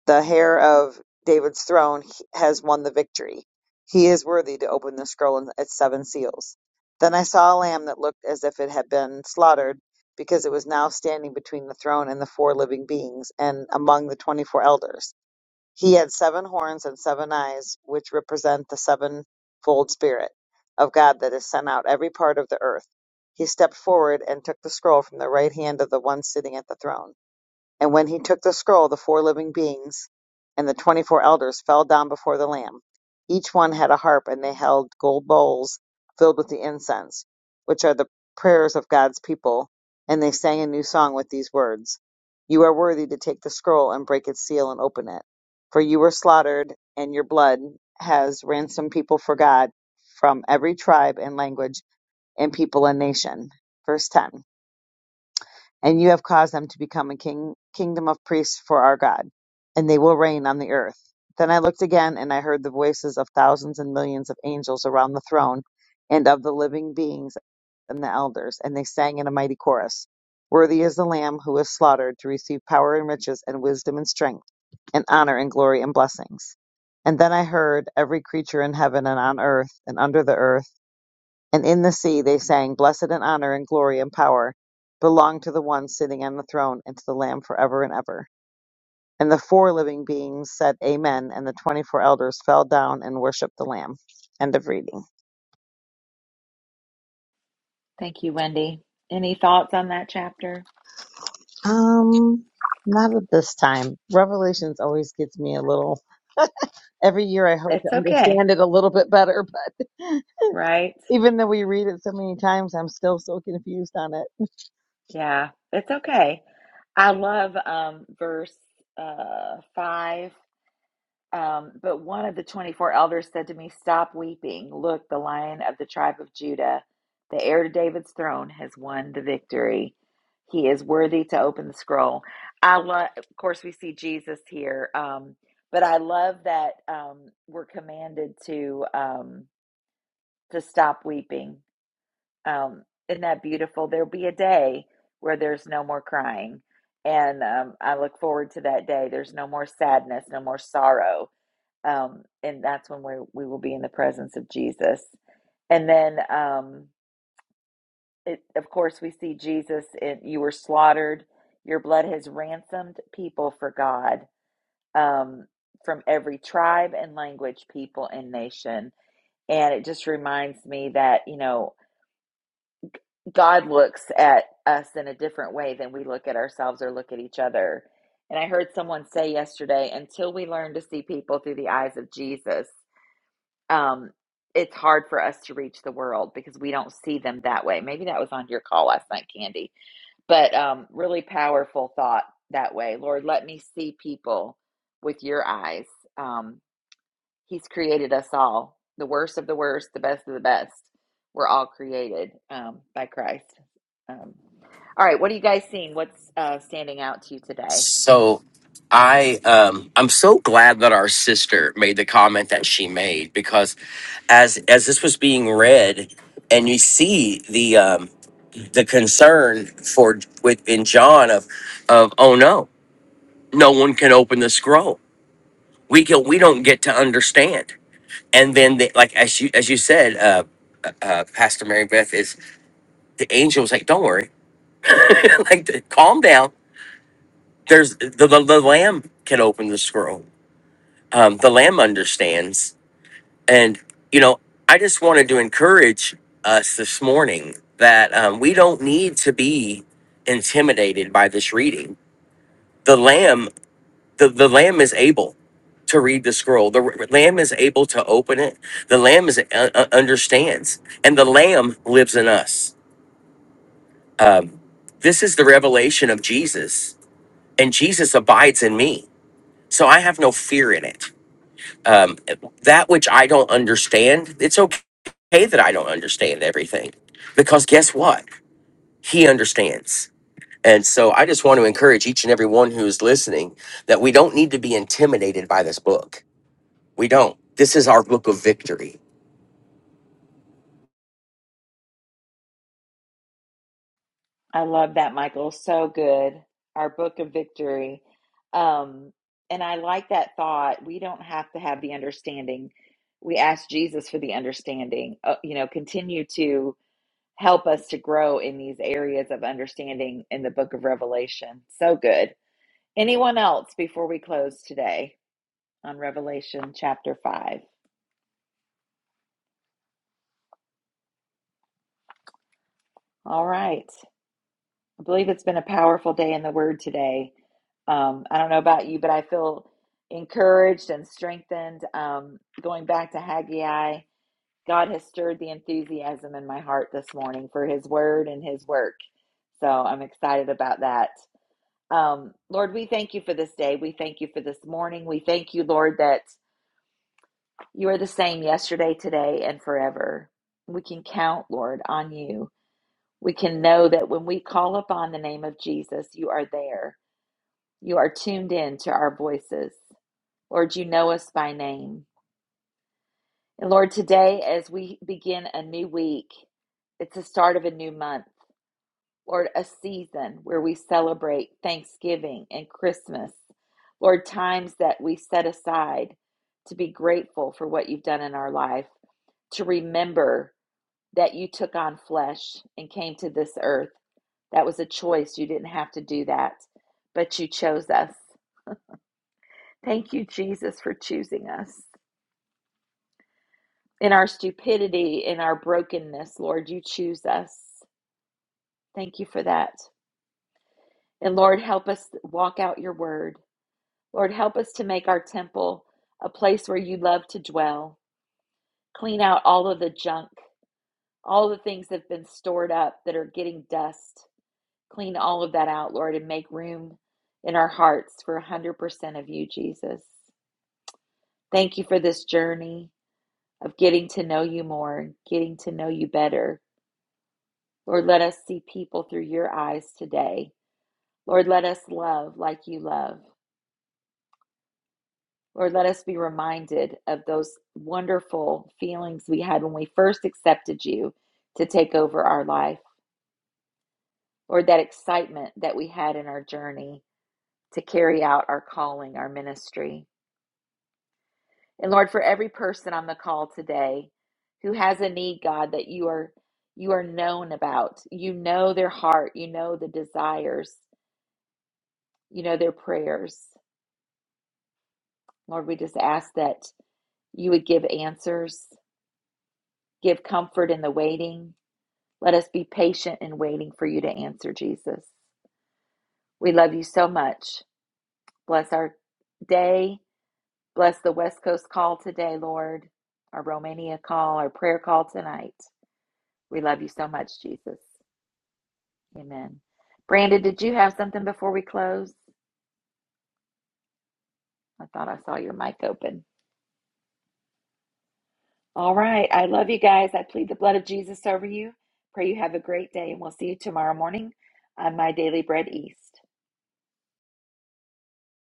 S11: the heir of David's throne h- has won the victory. He is worthy to open the scroll and its seven seals. Then I saw a lamb that looked as if it had been slaughtered, because it was now standing between the throne and the four living beings and among the twenty four elders. He had seven horns and seven eyes, which represent the sevenfold Spirit of God that is sent out every part of the earth. He stepped forward and took the scroll from the right hand of the one sitting at the throne. And when he took the scroll, the four living beings and the twenty four elders fell down before the Lamb. Each one had a harp, and they held gold bowls filled with the incense, which are the prayers of God's people. And they sang a new song with these words You are worthy to take the scroll and break its seal and open it. For you were slaughtered, and your blood has ransomed people for God from every tribe and language and people and nation. Verse 10 and you have caused them to become a king, kingdom of priests for our God, and they will reign on the earth. Then I looked again, and I heard the voices of thousands and millions of angels around the throne, and of the living beings and the elders, and they sang in a mighty chorus Worthy is the Lamb who was slaughtered to receive power and riches, and wisdom and strength, and honor and glory and blessings. And then I heard every creature in heaven and on earth and under the earth and in the sea they sang, Blessed and honor and glory and power belong to the one sitting on the throne and to the Lamb forever and ever. And the four living beings said, Amen. And the 24 elders fell down and worshiped the Lamb. End of reading.
S1: Thank you, Wendy. Any thoughts on that chapter?
S11: Um, not at this time. Revelations always gets me a little, every year I hope to
S1: It's okay,
S11: understand it a little bit better, but
S1: right?
S11: even though we read it so many times, I'm still so confused on it.
S1: Yeah, it's okay. I love um, verse uh, 5 Um, but one of the 24 elders said to me, Stop weeping. Look, the lion of the tribe of Judah, the heir to David's throne, has won the victory. He is worthy to open the scroll. I love, of course, we see Jesus here, um, but I love that um, we're commanded to um, to stop weeping. Um, isn't that beautiful? There'll be a day where there's no more crying, and um, I look forward to that day. There's no more sadness, no more sorrow um, and that's when we we will be in the presence of Jesus. And then, um, it, of course, we see Jesus. In, you were slaughtered; your blood has ransomed people for God um, from every tribe and language, people and nation. And it just reminds me that you know God looks at us in a different way than we look at ourselves or look at each other. And I heard someone say yesterday, until we learn to see people through the eyes of Jesus, um, it's hard for us to reach the world because we don't see them that way. Maybe that was on your call last night, Candy, but um, really powerful thought that way. Lord, let me see people with your eyes. Um, he's created us all, the worst of the worst, the best of the best. We're all created um, by Christ. Um, all right, what are you guys seeing? What's uh, standing out to you today?
S4: So I um I'm so glad that our sister made the comment that she made because as as this was being read and you see the um the concern for with in John of of oh no, no one can open the scroll. We can we don't get to understand. and then they, like as you as you said uh uh, uh, Pastor Mary Beth is the angel was like, "Don't worry, like th- calm down. There's the, the the lamb can open the scroll. Um, the lamb understands." And you know, I just wanted to encourage us this morning that um, we don't need to be intimidated by this reading. The lamb the, the lamb is able to read the scroll the r- lamb is able to open it the lamb is uh, uh, understands and the lamb lives in us um, this is the revelation of jesus and jesus abides in me so i have no fear in it um, that which i don't understand it's okay that i don't understand everything because guess what he understands and so i just want to encourage each and every one who is listening that we don't need to be intimidated by this book We don't. This is our book of victory.
S1: I love that, Michael. So good. Our book of victory. Um, and I like that thought. We don't have to have the understanding. We ask Jesus for the understanding. Uh, you know, continue to. help us to grow in these areas of understanding in the book of Revelation. So good. Anyone else before we close today on Revelation chapter 5? All right. I believe it's been a powerful day in the Word today. Um, I don't know about you, but I feel encouraged and strengthened. Um, going back to Haggai, God has stirred the enthusiasm in my heart this morning for His Word and His work. So I'm excited about that. Um, Lord, we thank you for this day. We thank you for this morning. We thank you, Lord, that you are the same yesterday, today, and forever. We can count, Lord, on you. We can know that when we call upon the name of Jesus, you are there. You are tuned in to our voices. Lord, you know us by name. And Lord, today, as we begin a new week, it's the start of a new month. Lord, a season where we celebrate Thanksgiving and Christmas. Lord, times that we set aside to be grateful for what you've done in our life, to remember that you took on flesh and came to this earth. That was a choice. You didn't have to do that, but you chose us. Thank you, Jesus, for choosing us. In our stupidity, in our brokenness, Lord, you choose us. Thank you for that. And Lord, help us walk out your word. Lord, help us to make our temple a place where you love to dwell. Clean out all of the junk, all the things that have been stored up that are getting dust. Clean all of that out, Lord, and make room in our hearts for 100% of you, Jesus. Thank you for this journey of getting to know you more, getting to know you better. Lord, let us see people through your eyes today. Lord, let us love like you love. Lord, let us be reminded of those wonderful feelings we had when we first accepted you to take over our life. or that excitement that we had in our journey to carry out our calling, our ministry. And Lord, for every person on the call today who has a need, God, that you are you are known about. You know their heart, you know the desires, you know their prayers. Lord, we just ask that you would give answers, give comfort in the waiting, Let us be patient in waiting for you to answer, Jesus. We love you so much. Bless our day. Bless the West Coast call today, Lord, our Romania call, our prayer call tonight. We love you so much, Jesus. Amen. Brandon, did you have something before we close? I thought I saw your mic open. All right. I love you guys. I plead the blood of Jesus over you. Pray you have a great day, and we'll see you tomorrow morning on My Daily Bread East.